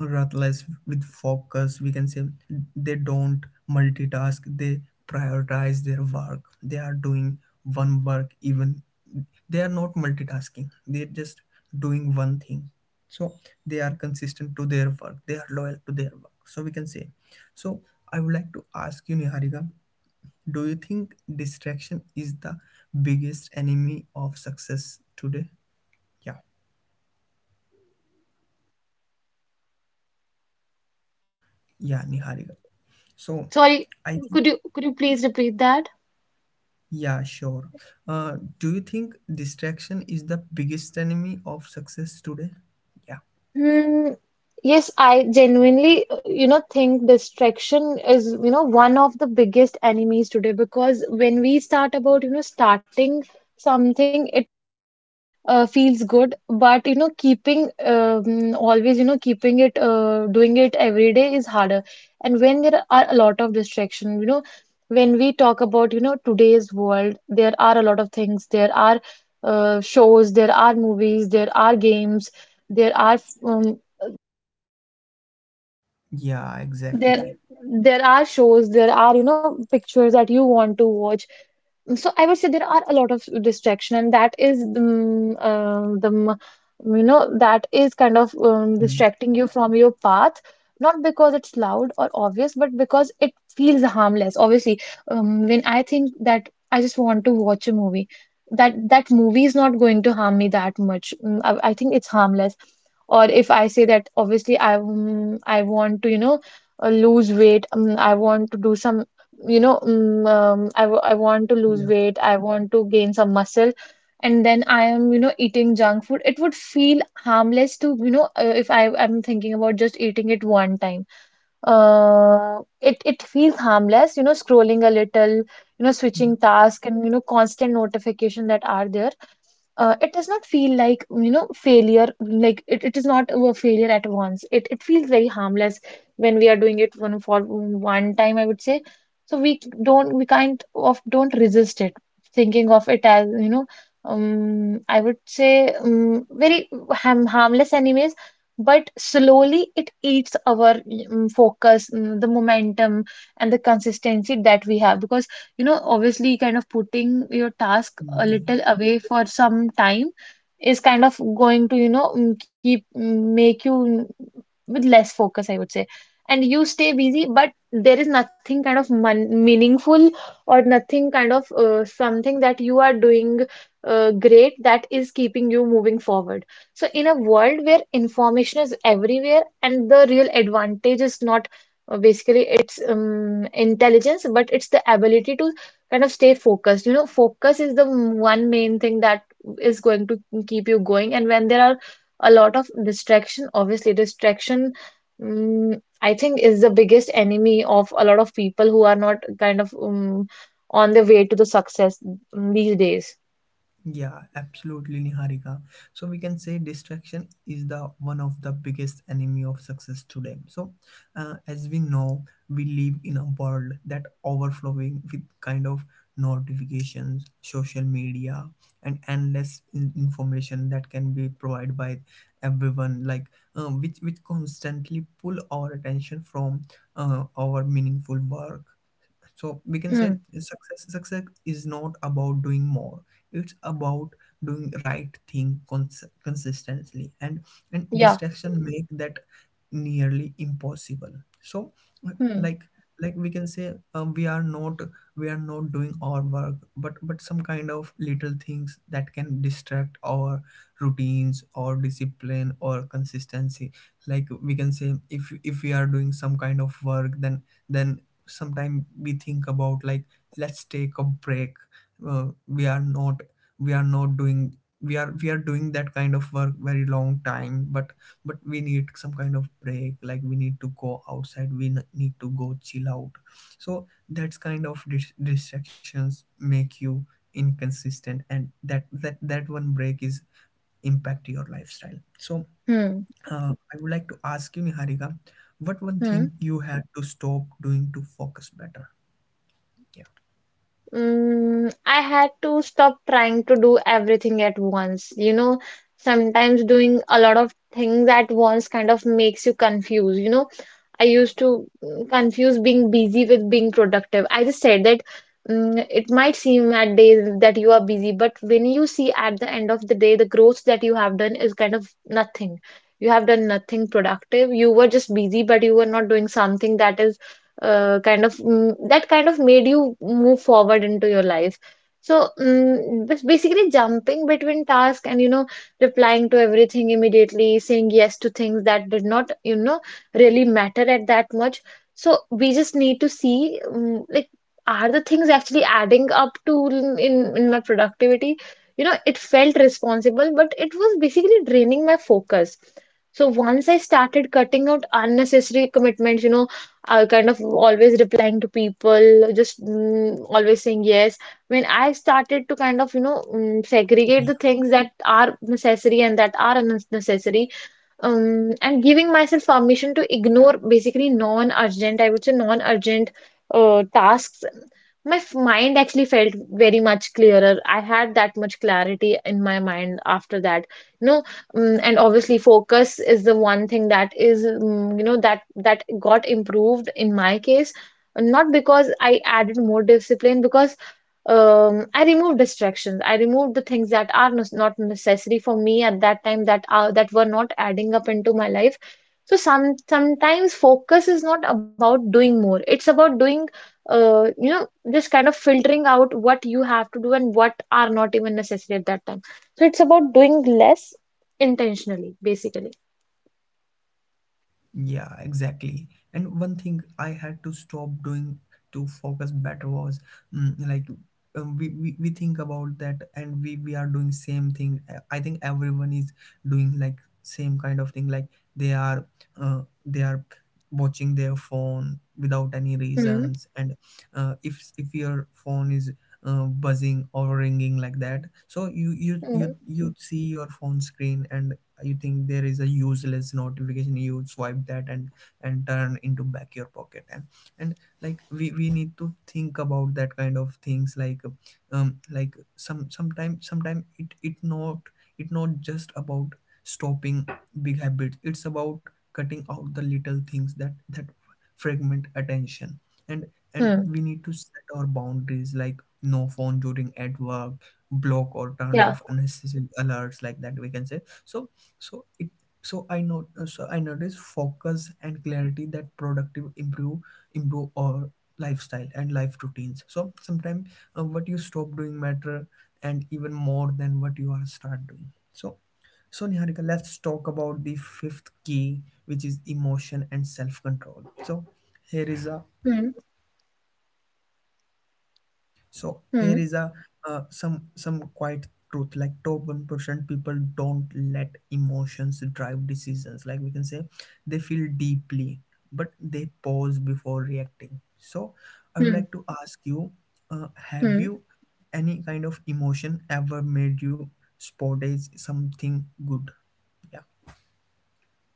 Speaker 1: ruthless with focus. We can say they don't multitask, they prioritize their work. They are doing one work, even they are not multitasking. They're just doing one thing. So they are consistent to their work. They are loyal to their work. So we can say. So I would like to ask you, Niharika, do you think distraction is the biggest enemy of success today? Yeah, yeah, Niharika. So,
Speaker 2: Sorry,
Speaker 1: I think,
Speaker 2: could you could you please repeat that?
Speaker 1: yeah, sure. Uh, do you think distraction is the biggest enemy of success today? Yeah,
Speaker 2: Hmm. Yes, I genuinely, uh, you know, think distraction is, you know, one of the biggest enemies today, because when we start about, you know, starting something, it uh, feels good, but, you know, keeping um, always, you know, keeping it, uh, doing it every day is harder. And when there are a lot of distraction, you know, when we talk about, you know, today's world, there are a lot of things. There are uh, shows, there are movies, there are games, there are um,
Speaker 1: yeah,
Speaker 2: there
Speaker 1: exactly.
Speaker 2: there are shows, there are, you know, pictures that you want to watch. So I would say there are a lot of distraction, and that is um, uh, the m- you know, that is kind of um,
Speaker 1: Mm,
Speaker 2: distracting you from your path, not because it's loud or obvious, but because it feels harmless. Obviously, um, when I think that I just want to watch a movie, that that movie is not going to harm me that much. Mm, I, I think it's harmless. Or if I say that, obviously, I um, I want to, you know, uh, lose weight, um, I want to do some, you know, mm, um, I, w I want to lose
Speaker 1: yeah,
Speaker 2: weight, I want to gain some muscle, and then I am, you know, eating junk food. It would feel harmless to, you know, uh, if I am thinking about just eating it one time. Uh, it it feels harmless, you know, scrolling a little, you know, switching
Speaker 1: yeah,
Speaker 2: task, and, you know, constant notification that are there. Uh, it does not feel like, you know, failure. Like it, it is not a failure at once, it it feels very harmless when we are doing it one for one time, I would say. So we don't, we kind of don't resist it, thinking of it as, you know, um I would say, um, very harm harmless anyways. But slowly it eats our um, focus, um, the momentum and the consistency that we have, because, you know, obviously kind of putting your task a little
Speaker 1: yeah.
Speaker 2: away for some time is kind of going to, you know, mm, keep mm, make you mm, with less focus, I would say. And you stay busy, but there is nothing kind of mon meaningful, or nothing kind of uh, something that you are doing uh, great that is keeping you moving forward. So, in a world where information is everywhere and the real advantage is not uh, basically, it's um, intelligence, but it's the ability to kind of stay focused. You know, focus is the m- one main thing that is going to keep you going. And when there are a lot of distraction, obviously distraction, um, I think, is the biggest enemy of a lot of people who are not kind of um, on the way to the success, mm, these days.
Speaker 1: Yeah, absolutely, Niharika. So we can say distraction is the one of the biggest enemy of success today. So, uh, as we know, we live in a world that overflowing with kind of notifications, social media, and endless in- information that can be provided by everyone, like um, which which constantly pull our attention from uh, our meaningful work. So we can
Speaker 2: Hmm.
Speaker 1: say success, success is not about doing more, it's about doing right thing cons- consistently. and and
Speaker 2: Yeah.
Speaker 1: distraction make that nearly impossible. So uh,
Speaker 2: Hmm.
Speaker 1: like like we can say um, we are not, we are not doing our work, but but some kind of little things that can distract our routines or discipline or consistency. Like we can say, if if we are doing some kind of work, then then sometimes we think about like, let's take a break. Uh, we are not, we are not doing, we are, we are doing that kind of work very long time. but but we need some kind of break, like we need to go outside, we n- need to go chill out. So that's kind of dis- distractions make you inconsistent, and that that that one break is impact your lifestyle. So
Speaker 2: Hmm.
Speaker 1: uh, I would like to ask you, Niharika, what one
Speaker 2: Hmm.
Speaker 1: thing you had to stop doing to focus better? Yeah.
Speaker 2: Mm, I had to stop trying to do everything at once. You know, sometimes doing a lot of things at once kind of makes you confused. You know, I used to mm, confuse being busy with being productive. I just said that mm, it might seem at days that you are busy, but when you see at the end of the day, the growth that you have done is kind of nothing. You have done nothing productive. You were just busy, but you were not doing something that is uh, kind of mm, that kind of made you move forward into your life. So mm, bas- basically, jumping between tasks and, you know, replying to everything immediately, saying yes to things that did not, you know, really matter at that much. So we just need to see mm like, are the things actually adding up to in in in my productivity? You know, it felt responsible, but it was basically draining my focus. So once I started cutting out unnecessary commitments, you know, uh, kind of always replying to people, just mm, always saying yes. When I started to kind of, you know, mm, segregate
Speaker 1: Yeah,
Speaker 2: the things that are necessary and that are unnecessary, um, and giving myself permission to ignore basically non-urgent, I would say non-urgent uh, tasks. My f- mind actually felt very much clearer. I had that much clarity in my mind after that, you know. Um, and obviously, focus is the one thing that is, um, you know, that that got improved in my case. Not because I added more discipline, because um, I removed distractions. I removed the things that are nes- not necessary for me at that time, that are that were not adding up into my life. So some sometimes focus is not about doing more. It's about doing, uh, you know, just kind of filtering out what you have to do and what are not even necessary at that time. So it's about doing less intentionally, basically.
Speaker 1: yeah, exactly. And one thing I had to stop doing to focus better was, mm, like um, we, we we think about that, and we we are doing same thing. Uh, I think everyone is doing like same kind of thing. Like they are uh, they are watching their phone without any
Speaker 2: Hmm.
Speaker 1: reasons. And uh, if if your phone is uh, buzzing or ringing like that, so you you
Speaker 2: Hmm.
Speaker 1: you you see your phone screen, and you think there is a useless notification. You swipe that and and turn into back your pocket and and like, we we need to think about that kind of things. Like um like some sometimes sometimes it, it not, it not just about stopping big habits. It's about cutting out the little things that that fragment attention. and and
Speaker 2: Hmm.
Speaker 1: we need to set our boundaries, like no phone during at work block, or turn
Speaker 2: Yeah.
Speaker 1: off unnecessary alerts, like that, we can say. So so it, so I know, so I notice focus and clarity that productive improve, improve our lifestyle and life routines. So sometimes uh, what you stop doing matter and even more than what you are start doing. So so Niharika, let's talk about the fifth key, which is emotion and self control. So here is a.
Speaker 2: Hmm.
Speaker 1: So
Speaker 2: Hmm.
Speaker 1: here is a uh, some some quite truth, like top one percent people don't let emotions drive decisions. Like we can say, they feel deeply, but they pause before reacting. So I would
Speaker 2: Hmm.
Speaker 1: like to ask you, uh, have
Speaker 2: Hmm.
Speaker 1: you, any kind of emotion ever made you sportage something good? Yeah.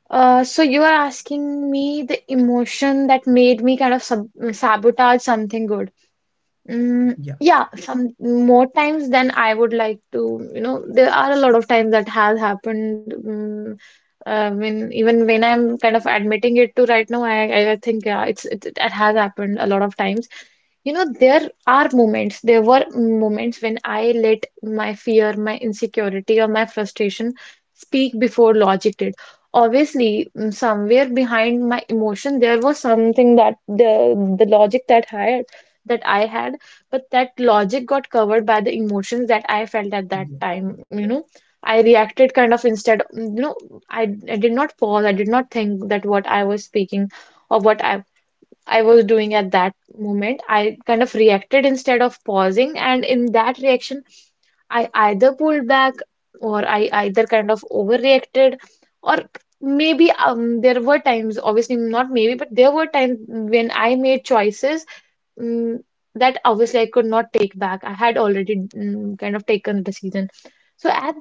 Speaker 2: Uh, so you are asking me the emotion that made me kind of sub sabotage something good. Mm,
Speaker 1: Yeah.
Speaker 2: yeah, some more times than I would like to. You know, there are a lot of times that has happened. Mm, I mean, even when I'm kind of admitting it to right now, I I I think yeah, it's it, it has happened a lot of times. You know, there are moments there were moments when I let my fear, my insecurity, or my frustration speak before logic did. Obviously, mm, somewhere behind my emotion there was something, that the the logic that had that I had, but that logic got covered by the emotions that I felt at that
Speaker 1: Yeah.
Speaker 2: time. You know, I reacted kind of instead. Mm, you know, i, I did not pause, I did not think that what I was speaking or what i I was doing at that moment. I kind of reacted instead of pausing. And in that reaction, I either pulled back, or I either kind of overreacted, or maybe um, there were times, obviously not maybe, but there were times when I made choices mm, that obviously I could not take back. I had already mm, kind of taken the decision. So at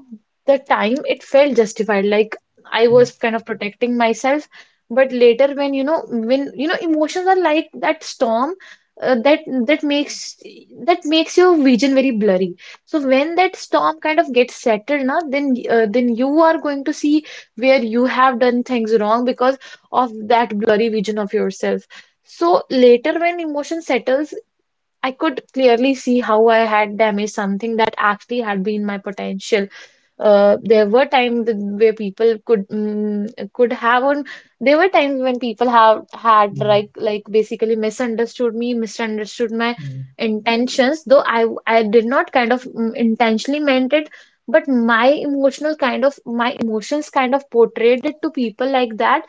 Speaker 2: the time, it felt justified, like I was
Speaker 1: Yeah.
Speaker 2: kind of protecting myself. But later, when you know, when you know, emotions are like that storm uh, that that makes that makes your vision very blurry. So when that storm kind of gets settled, now then uh, then you are going to see where you have done things wrong because of that blurry vision of yourself. So later, when emotion settles, I could clearly see how I had damaged something that actually had been my potential. Uh, there were times where people could mm, could have on. There were times when people have had like
Speaker 1: Mm.
Speaker 2: like basically misunderstood me, misunderstood my
Speaker 1: Mm.
Speaker 2: intentions. Though I I did not kind of mm, intentionally meant it, but my emotional kind of my emotions kind of portrayed it to people like that,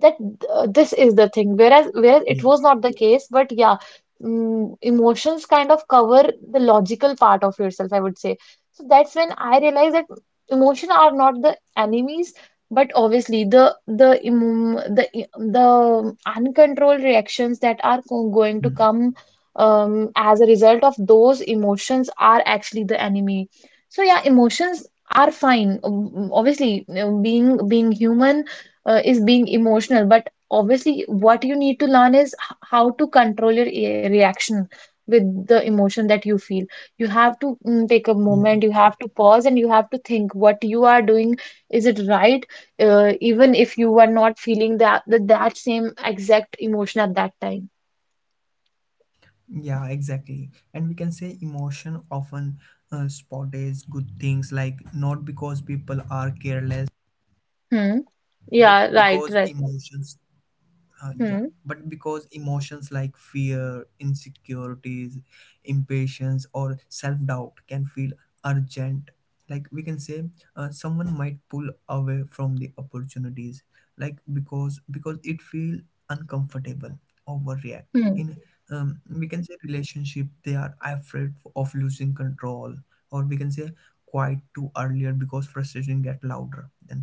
Speaker 2: that uh, this is the thing, whereas whereas it
Speaker 1: Yeah.
Speaker 2: was not the case. But yeah, mm, emotions kind of cover the logical part of yourself, I would say. So that's when I realized that emotion are not the enemies, but obviously the the emo- the the uncontrolled reactions that are go- going to
Speaker 1: Mm.
Speaker 2: come um, as a result of those emotions are actually the enemy. So yeah, emotions are fine. Um, obviously, you know, being being human uh, is being emotional, but obviously what you need to learn is h- how to control your e- reaction with the emotion that you feel. You have to mm, take a moment, you
Speaker 1: Yeah.
Speaker 2: have to pause and you have to think what you are doing, is it right? Uh, even if you are not feeling that that, that same exact emotion at that time.
Speaker 1: Yeah, exactly. And we can say emotion often uh, spotted good things, like not because people are careless,
Speaker 2: Hmm.
Speaker 1: but
Speaker 2: Yeah, right,
Speaker 1: because
Speaker 2: right.
Speaker 1: emotions uh, yeah,
Speaker 2: Hmm.
Speaker 1: but because emotions like fear, insecurities, impatience, or self doubt can feel urgent. Like we can say, uh, someone might pull away from the opportunities, like because because it feel uncomfortable, overreact.
Speaker 2: Hmm.
Speaker 1: In um, we can say relationship, they are afraid of losing control. Or we can say quiet too earlier, because frustration get louder than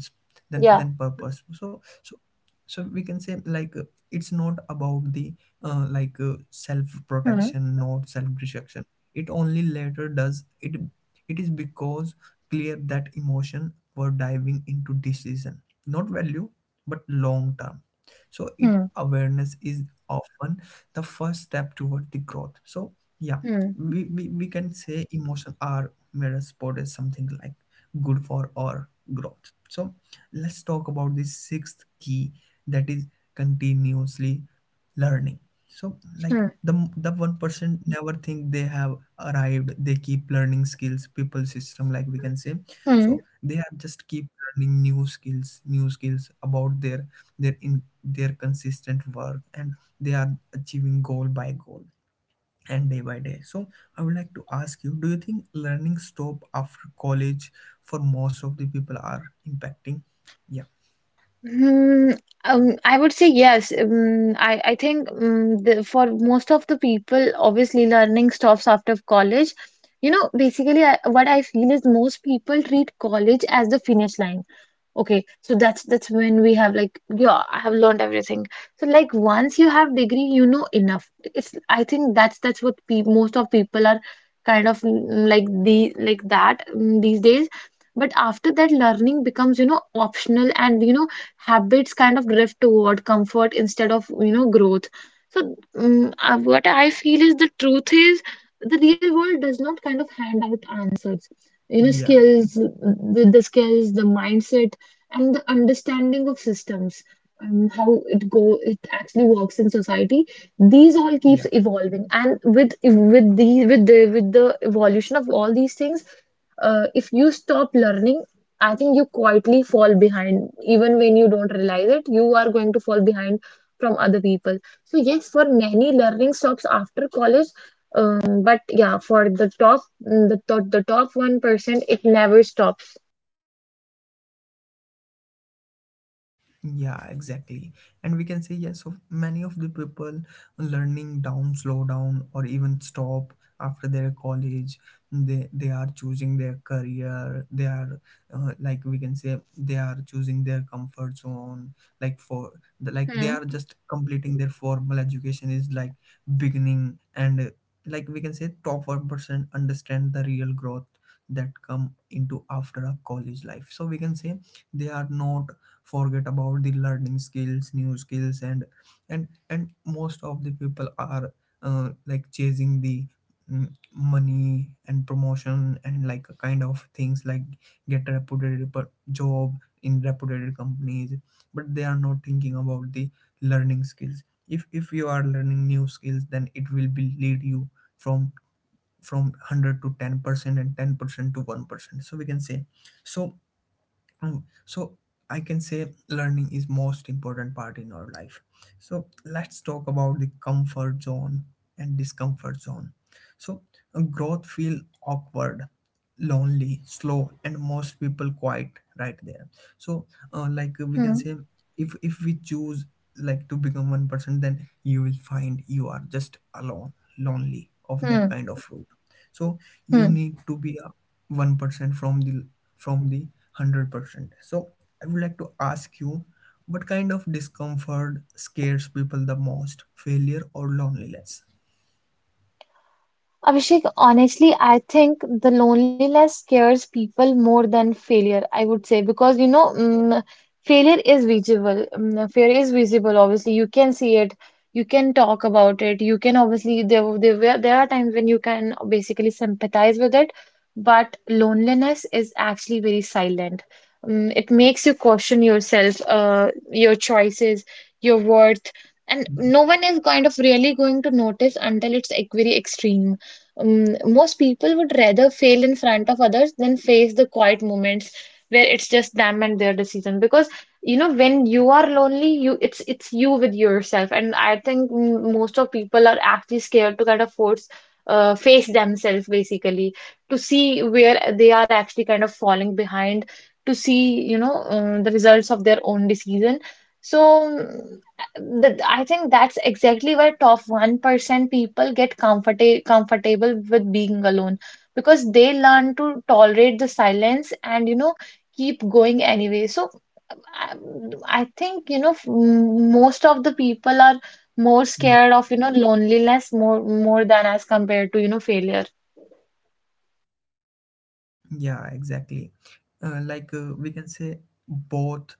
Speaker 1: than
Speaker 2: Yeah.
Speaker 1: than purpose. So so so we can say, like it's not about the uh, like uh, self
Speaker 2: hmm
Speaker 1: protection, not self destruction. It only later does it, it is because clear that emotion were diving into decision, not value, but long term. So it
Speaker 2: hmm.
Speaker 1: awareness is often the first step toward the growth. So yeah,
Speaker 2: Hmm.
Speaker 1: we, we, we can say emotion are mirror spot is something like good for our growth. So let's talk about the sixth key, that is continuously learning. So like
Speaker 2: Hmm.
Speaker 1: the the one person never think they have arrived. They keep learning skills, people system, like we can say.
Speaker 2: Hmm.
Speaker 1: So they are just keep learning new skills, new skills about their their in their consistent work. And they are achieving goal by goal, and day by day. So I would like to ask you, do you think learning stop after college for most of the people are impacting? Yeah.
Speaker 2: Hmm, um, I would say yes. Um, I, I think um, the, for most of the people, obviously learning stops after college. You know, basically, I, what I feel is most people treat college as the finish line. Okay, so that's that's when we have like, yeah, I have learned everything. So like once you have degree, you know enough. It's I think that's that's what pe most of people are kind of mm, like the like that mm, these days. But after that, learning becomes, you know, optional, and you know habits kind of drift toward comfort instead of you know growth. So mm uh, what I feel is the truth is the real world does not kind of hand out answers. You know,
Speaker 1: Yeah.
Speaker 2: skills, the, the skills, the mindset and the understanding of systems, um, how it go it actually works in society, these all keeps
Speaker 1: Yeah.
Speaker 2: evolving. And with with the with the with the evolution of all these things, uh, if you stop learning, I think you quietly fall behind. Even when you don't realize it, you are going to fall behind from other people. So yes, for many learning stops after college. Um, but yeah, for the top the, top the top one percent it never stops.
Speaker 1: Yeah, exactly. And we can say yes, of many of the people, learning down, slow down, or even stop after their college. They they are choosing their career. They are uh, like we can say, they are choosing their comfort zone. Like for the, like they
Speaker 2: Hmm.
Speaker 1: are just completing their formal education is like beginning. And uh, like we can say, top one percent understand the real growth that come into after a college life. So we can say, they are not forget about the learning skills, new skills. And and and most of the people are uh, like chasing the mm, money and promotion and like kind of things, like get a reputed per- job in reputed companies. But they are not thinking about the learning skills. If if you are learning new skills, then it will be lead you from from one hundred to ten percent, and ten percent to one percent. So we can say so um, so I can say learning is most important part in our life. So let's talk about the comfort zone and discomfort zone. So uh, Growth feel awkward, lonely, slow, and most people quite right there. So uh, like uh, we can
Speaker 2: Hmm.
Speaker 1: say if if we choose like to become one person, then you will find you are just alone, lonely of that
Speaker 2: Hmm.
Speaker 1: kind of route, so you
Speaker 2: Hmm.
Speaker 1: need to be a one percent from the from the one hundred percent. So I would like to ask you, what kind of discomfort scares people the most, failure or loneliness?
Speaker 2: Abhishek, honestly, I think the loneliness scares people more than failure, I would say, because you know, mm, failure is visible. Mm, failure is visible, obviously. You can see it, you can talk about it, you can obviously, there, were- there, were- there are times when you can basically sympathize with it, but loneliness is actually very silent. Mm, it makes you question yourself, uh, your choices, your worth, and
Speaker 1: yeah
Speaker 2: no one is kind of really going to notice until it's like very extreme. Um, most people would rather fail in front of others than face the quiet moments where it's just them and their decision. Because you know, when you are lonely, you it's it's you with yourself, and I think mm, most of people are actually scared to kind of force uh, face themselves basically, to see where they are actually kind of falling behind, to see you know um, the results of their own decision. So th- I think that's exactly why top one percent people get comforta comfortable with being alone, because they learn to tolerate the silence and you know keep going anyway. So I I think you know f- m- most of the people are more
Speaker 1: yeah.
Speaker 2: scared of you know loneliness more more than as compared to you know failure.
Speaker 1: Yeah, exactly. Uh, like uh, we can say both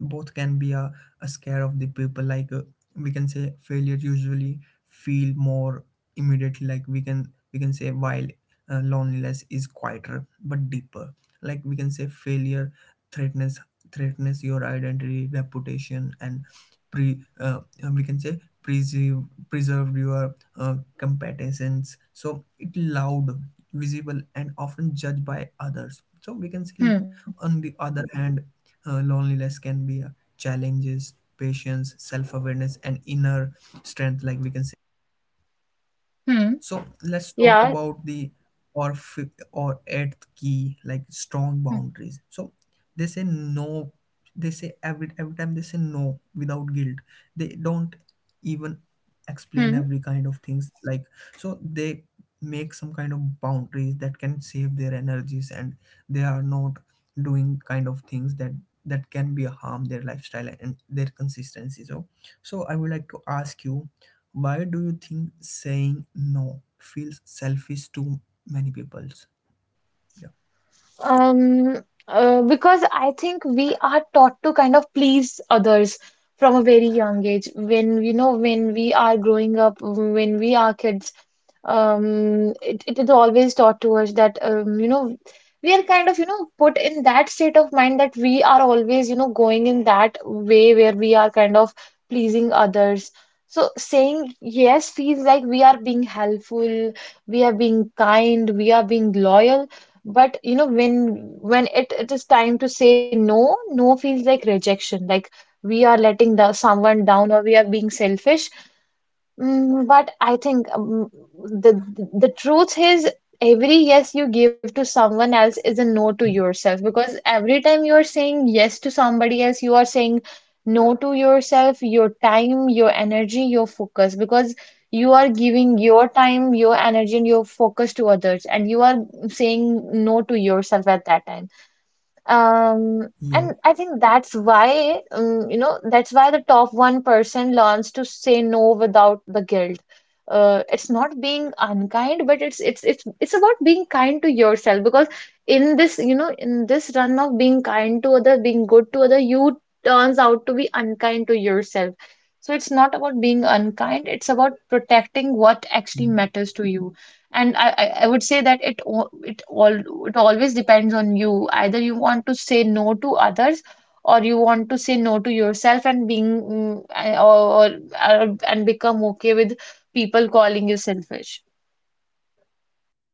Speaker 1: both can be a, a scare of the people. Like uh, we can say failure usually feel more immediately. Like we can we can say, while uh, loneliness is quieter but deeper. Like we can say failure threatens threatens your identity, reputation, and pre uh, we can say preserve preserve your uh, competence. So it loud, visible, and often judged by others, so we can see.
Speaker 2: Hmm.
Speaker 1: On the other hand, uh, loneliness can be a challenges patience, self-awareness, and inner strength, like we can say.
Speaker 2: Hmm.
Speaker 1: So let's talk
Speaker 2: Yeah.
Speaker 1: about the or fifth or eighth key, like strong
Speaker 2: Hmm.
Speaker 1: boundaries. So they say no. They say every every time they say no without guilt. They don't even explain
Speaker 2: Hmm.
Speaker 1: every kind of things. Like so they make some kind of boundaries that can save their energies, and they are not doing kind of things that that can be a harm their lifestyle and their consistency. So so I would like to ask you, why do you think saying no feels selfish to many people? Yeah.
Speaker 2: Um, uh, because I think we are taught to kind of please others from a very young age. When you know, when we are growing up, when we are kids, um, it, it is always taught to us that um, you know, we are kind of you know put in that state of mind that we are always you know going in that way where we are kind of pleasing others. So saying yes feels like we are being helpful, we are being kind, we are being loyal. But you know, when when it, it is time to say no, no feels like rejection. Like we are letting the someone down or we are being selfish. Mm, but I think um, the the truth is every yes you give to someone else is a no to yourself, because every time you are saying yes to somebody else, you are saying no to yourself, your time, your energy, your focus. Because you are giving your time, your energy, and your focus to others, and you are saying no to yourself at that time. Um, and
Speaker 1: Yeah.
Speaker 2: I think that's why, um, you know, that's why the top one percent learns to say no without the guilt. Uh, it's not being unkind, but it's it's it's it's about being kind to yourself, because in this, you know, in this run of being kind to other, being good to other, you turns out to be unkind to yourself. So it's not about being unkind, it's about protecting what actually
Speaker 1: Hmm.
Speaker 2: matters to you. And I, I I would say that it al- it all, it always depends on you. Either you want to say no to others, or you want to say no to yourself and being mm, uh, or, or or- and become okay with people calling you selfish.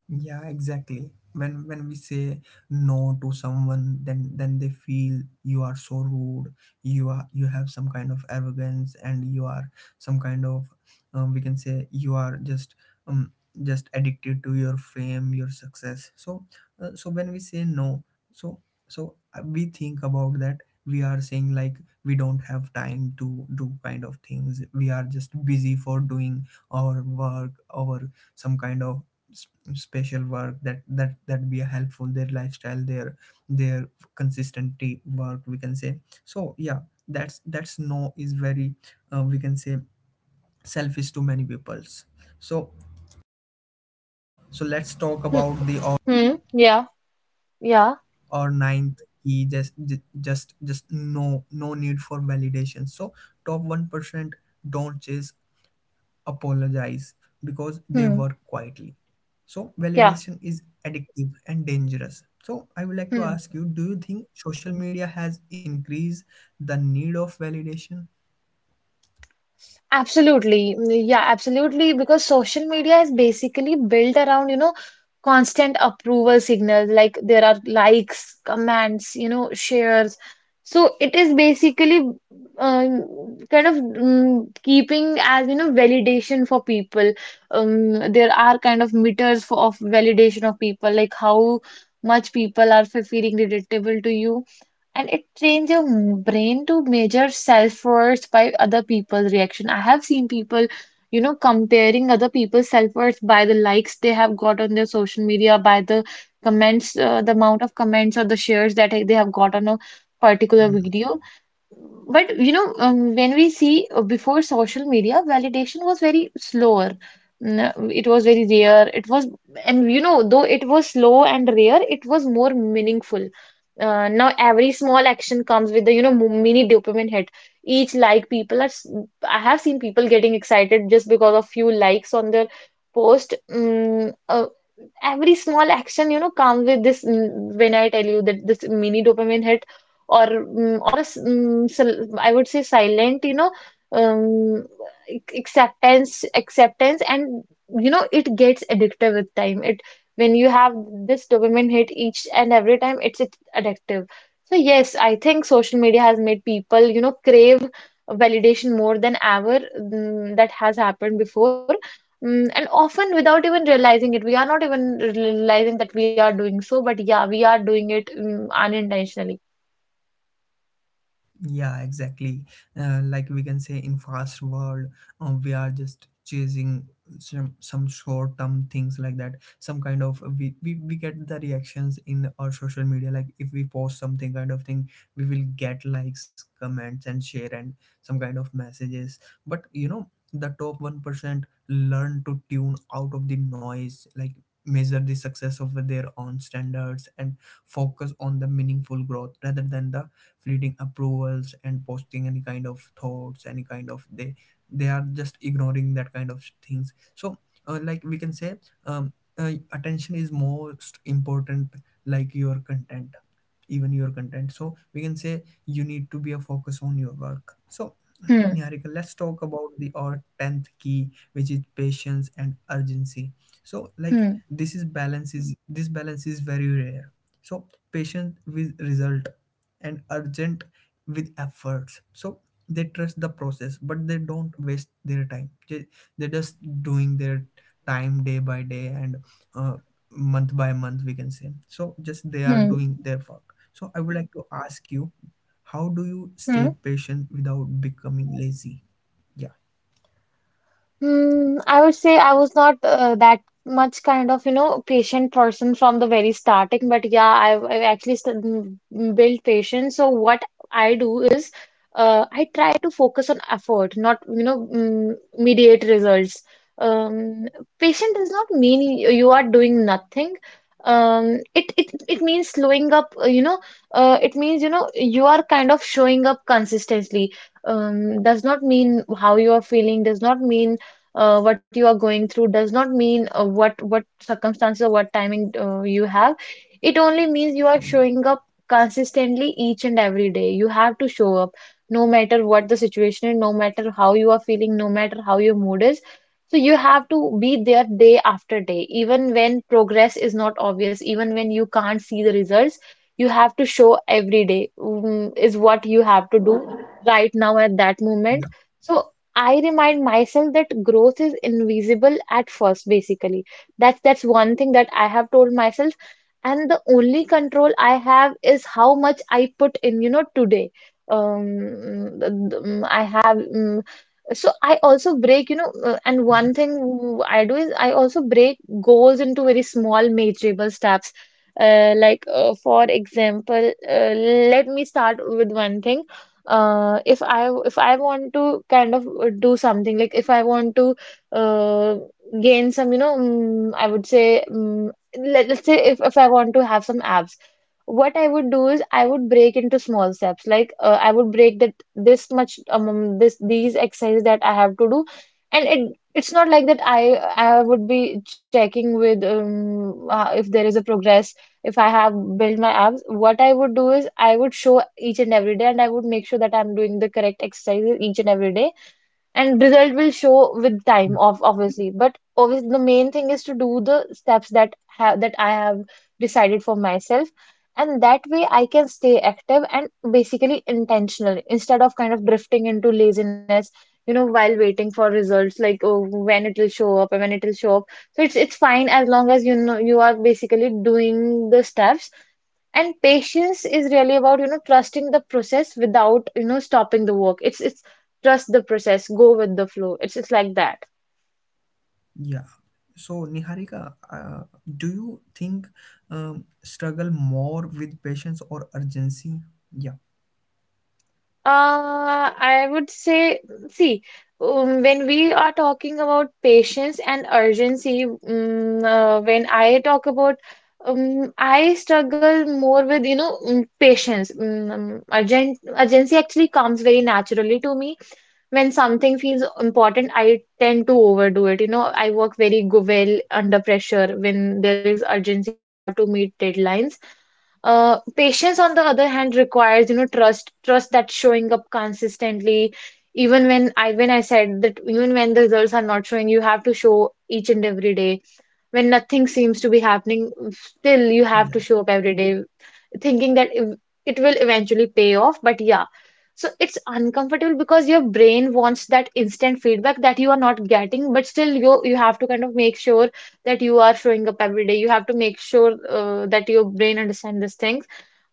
Speaker 1: Yeah, exactly. When when we say no to someone, then then they feel you are so rude. You are you have some kind of arrogance, and you are some kind of um, we can say you are just um just addicted to your fame, your success. So uh, so when we say no, so so uh, we think about that. We are saying like we don't have time to do kind of things. We are just busy for doing our work, our some kind of s- special work that that that be helpful their lifestyle, their their consistency work, we can say. So yeah, that's that's no is very uh, we can say selfish to many peoples. So so let's talk
Speaker 2: Hmm.
Speaker 1: about the or,
Speaker 2: Hmm, yeah. Yeah.
Speaker 1: or ninth key, just ju- just just no no need for validation. So top one percent don't chase apologize because they
Speaker 2: Hmm.
Speaker 1: work quietly. So
Speaker 2: Yeah.
Speaker 1: validation is addictive and dangerous. So I would like to ask you, do you think social media has increased the need of validation?
Speaker 2: Absolutely. Mm, Yeah, absolutely. Because social media is basically built around, you know, constant approval signals. Like there are likes, comments, you know, shares. So it is basically um, kind of um, keeping as, you know, validation for people. Um, there are kind of meters for, of validation of people, like how much people are fe- feeling relatable to you, and it trains your m- brain to measure self-worth by other people's reaction. I have seen people, you know, comparing other people's self-worth by the likes they have got on their social media, by the comments, uh, the amount of comments or the shares that they have got on a particular video. But you know, um, when we see uh, before social media, validation was very slower. N- It was very rare. It was, and you know, though it was slow and rare, it was more meaningful. Uh, now every small action comes with the, you know, mo- mini dopamine hit. Each like people are, s- I have seen people getting excited just because of few likes on their post. Mm, uh, every small action, you know, comes with this. mm, When I tell you that this mini dopamine hit or mm, or a s- mm, sil- I would say silent, you know, um, ac- acceptance, acceptance, and you know it gets addictive with time. It when you have this dopamine hit each and every time, it's, it's addictive. So yes, I think social media has made people, you know, crave validation more than ever mm, that has happened before. Mm, and often without even realizing it, we are not even realizing that we are doing so, but yeah, we are doing it mm, unintentionally.
Speaker 1: Yeah, exactly. Uh, like we can say in fast world, um, we are just chasing some some short term things like that. Some kind of we, we we get the reactions in our social media. Like if we post something kind of thing, we will get likes, comments, and share and some kind of messages. But you know, the top one percent learn to tune out of the noise. Like measure the success of their own standards and focus on the meaningful growth rather than the fleeting approvals, and posting any kind of thoughts, any kind of, they they are just ignoring that kind of things. So uh, like we can say, um, uh, attention is most important, like your content, even your content. So we can say you need to be a focus on your work. So Niharika, let's talk about the our tenth key, which is patience and urgency. So, like
Speaker 2: hmm
Speaker 1: this is balance is this balance is very rare. So, patient with result and urgent with efforts. So they trust the process, but they don't waste their time. They they're just doing their time day by day and uh, month by month, we can say. So just they are
Speaker 2: hmm
Speaker 1: doing their work. So I would like to ask you, how do you
Speaker 2: hmm
Speaker 1: stay patient without becoming lazy? Yeah,
Speaker 2: Mm, I would say I was not uh, that much kind of, you know, patient person from the very starting, but yeah, I've, I've actually st- m- m- built patience. So what I do is, uh, I try to focus on effort, not, you know, mm, immediate results. Um, Patient does not mean y- you are doing nothing. Um, it it it means slowing up. uh, You know, uh, it means you know you are kind of showing up consistently, um, does not mean how you are feeling, does not mean uh, what you are going through, does not mean uh, what what circumstances or what timing uh, you have. It only means you are
Speaker 1: yeah,
Speaker 2: showing up consistently each and every day. You have to show up no matter what the situation is, no matter how you are feeling, no matter how your mood is. So you have to be there day after day, even when progress is not obvious, even when you can't see the results, you have to show every day, mm, is what you have to do right now at that moment.
Speaker 1: yeah,
Speaker 2: So I remind myself that growth is invisible at first, basically. That's that's one thing that I have told myself. And the only control I have is how much I put in, you know, today. Um, th- th- I have mm, so I also break, you know, uh, and one
Speaker 1: yeah,
Speaker 2: thing w- I do is I also break goals into very small measurable steps. Uh, like uh, for example, uh, let me start with one thing. Uh, if I if I want to kind of uh, do something, like if I want to uh, gain some, you know, mm I would say, mm let, let's say if, if I want to have some abs, what I would do is I would break into small steps. Like uh, I would break that this much, um, this these exercises that I have to do, and it it's not like that I I would be checking with um, uh, if there is a progress, if I have built my abs. What I would do is I would show each and every day, and I would make sure that I'm doing the correct exercises each and every day, and result will show with time
Speaker 1: yeah.
Speaker 2: of obviously. But obviously the main thing is to do the steps that have that I have decided for myself, and that way I can stay active and basically intentional instead of kind of drifting into laziness, you know, while waiting for results, like, oh, when it will show up and when it will show up. So it's it's fine as long as you know you are basically doing the steps, and patience is really about, you know, trusting the process without, you know, stopping the work. it's it's trust the process, go with the flow. it's it's like that.
Speaker 1: yeah. So, Niharika, uh, do you think um, struggle more with patience or urgency? Yeah,
Speaker 2: uh I would say, see, um, when we are talking about patience and urgency, um, uh, when I talk about, um, I struggle more with, you know, um, patience. Um, um, urgent Urgency actually comes very naturally to me. When something feels important, I tend to overdo it. You know, I work very, go well under pressure when there is urgency, when I have to meet deadlines. Uh, patience, on the other hand, requires, you know, trust, trust that showing up consistently. Even when I when I said that, even when the results are not showing, you have to show each and every day. When nothing seems to be happening, still you have to
Speaker 1: yeah,
Speaker 2: show up every day, thinking that ev- it will eventually pay off. But yeah, so it's uncomfortable because your brain wants that instant feedback that you are not getting, but still you you have to kind of make sure that you are showing up every day. You have to make sure uh, that your brain understands these things.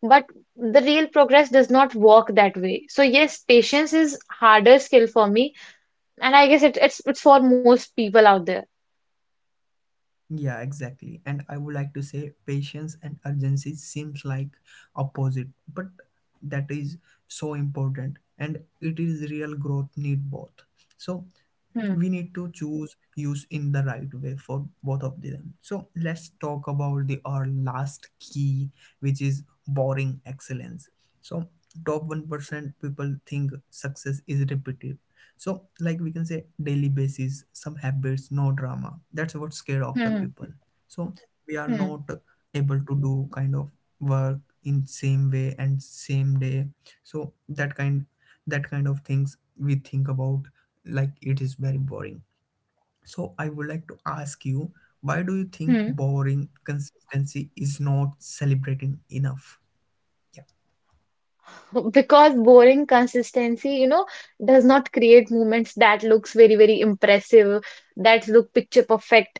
Speaker 2: But the real progress does not work that way. So yes, patience is harder skill for me, and I guess it, it's it's for most people out there.
Speaker 1: yeah, exactly. And I would like to say patience and urgency seems like opposite, but that is so important, and it is real growth need both. So
Speaker 2: Hmm.
Speaker 1: we need to choose use in the right way for both of them. So let's talk about the our last key, which is boring excellence. So top one percent people think success is repetitive. So like we can say daily basis some habits, no drama, that's what scared of the
Speaker 2: Hmm.
Speaker 1: people. So we are
Speaker 2: Hmm.
Speaker 1: not able to do kind of work in same way and same day. So that kind that kind of things we think about, like it is very boring. So I would like to ask you, why do you think
Speaker 2: Hmm.
Speaker 1: boring consistency is not celebrating enough? Yeah,
Speaker 2: [LAUGHS] Because boring consistency, you know, does not create movements that looks very very impressive, that look picture perfect.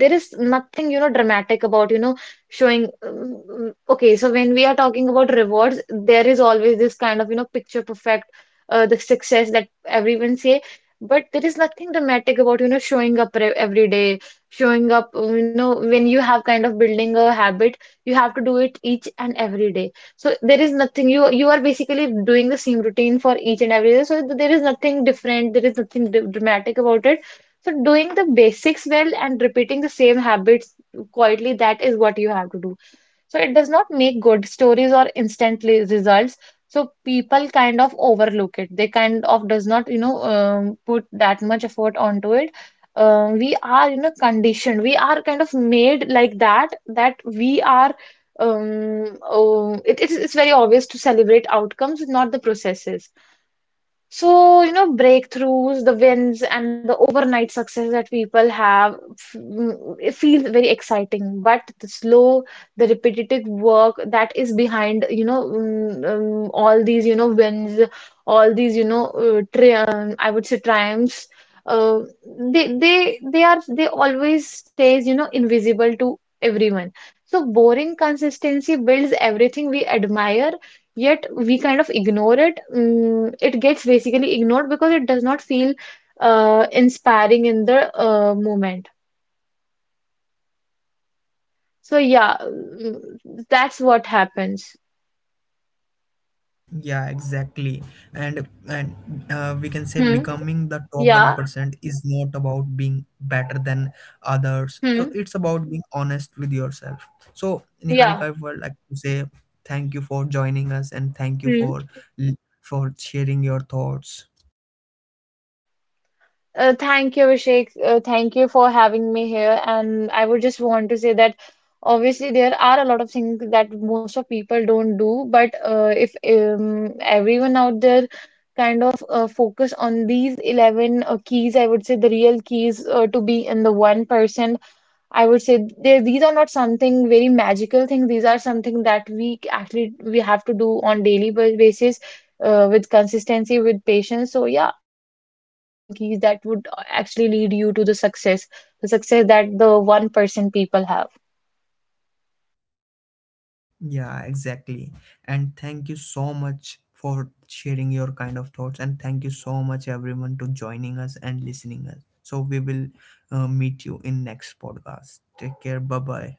Speaker 2: There is nothing, you know, dramatic about, you know, showing um, mm, okay, so when we are talking about rewards, there is always this kind of, you know, picture perfect, uh, the success that everyone say. But there is nothing dramatic about, you know, showing up re- every day, showing up, uh, you know, when you have kind of building a habit, you have to do it each and every day. So there is nothing, you you are basically doing the same routine for each and every day. So there is nothing different. There is nothing d dramatic about it. So doing the basics well and repeating the same habits quietly, that is what you have to do. So it does not make good stories or instantly results. So people kind of overlook it. They kind of does not, you know, um, put that much effort onto it. Uh, we are, you know, conditioned. We are kind of made like that, that we are, um, oh, it, it's, it's very obvious to celebrate outcomes, not the processes. So, you know, breakthroughs, the wins, and the overnight success that people have f- mm, it feels very exciting. But the slow, the repetitive work that is behind, you know, mm, um, all these, you know, wins, all these, you know, uh, tri um, I would say triumphs, uh, they, they, they are, they always stays, you know, invisible to everyone. So boring consistency builds everything we admire, yet we kind of ignore it. Mm, it gets basically ignored because it does not feel uh, inspiring in the uh, moment. So yeah, mm, that's what happens.
Speaker 1: yeah, exactly. And and uh, we can say
Speaker 2: Hmm.
Speaker 1: becoming the top one
Speaker 2: Yeah.
Speaker 1: percent is not about being better than others. So
Speaker 2: Hmm.
Speaker 1: it's about being honest with yourself. So Niharika,
Speaker 2: Yeah.
Speaker 1: I would like to say thank you for joining us, and thank you
Speaker 2: Hmm.
Speaker 1: for for sharing your thoughts.
Speaker 2: Uh, thank you, Abhishek. Uh, thank you for having me here. And I would just want to say that obviously there are a lot of things that most of people don't do, but uh, if um, everyone out there kind of uh, focus on these eleven uh, keys, I would say the real keys uh, to be in the one person. I would say they, these are not something very magical thing. These are something that we c- actually we have to do on daily ba- basis uh, with consistency, with patience. So yeah, these are the real keys that would uh, actually lead you to the success, the success that the one percent people have.
Speaker 1: Yeah, exactly. And thank you so much for sharing your kind of thoughts. And thank you so much, everyone, to joining us and listening us. So we will uh, meet you in next podcast. Take care. Bye bye.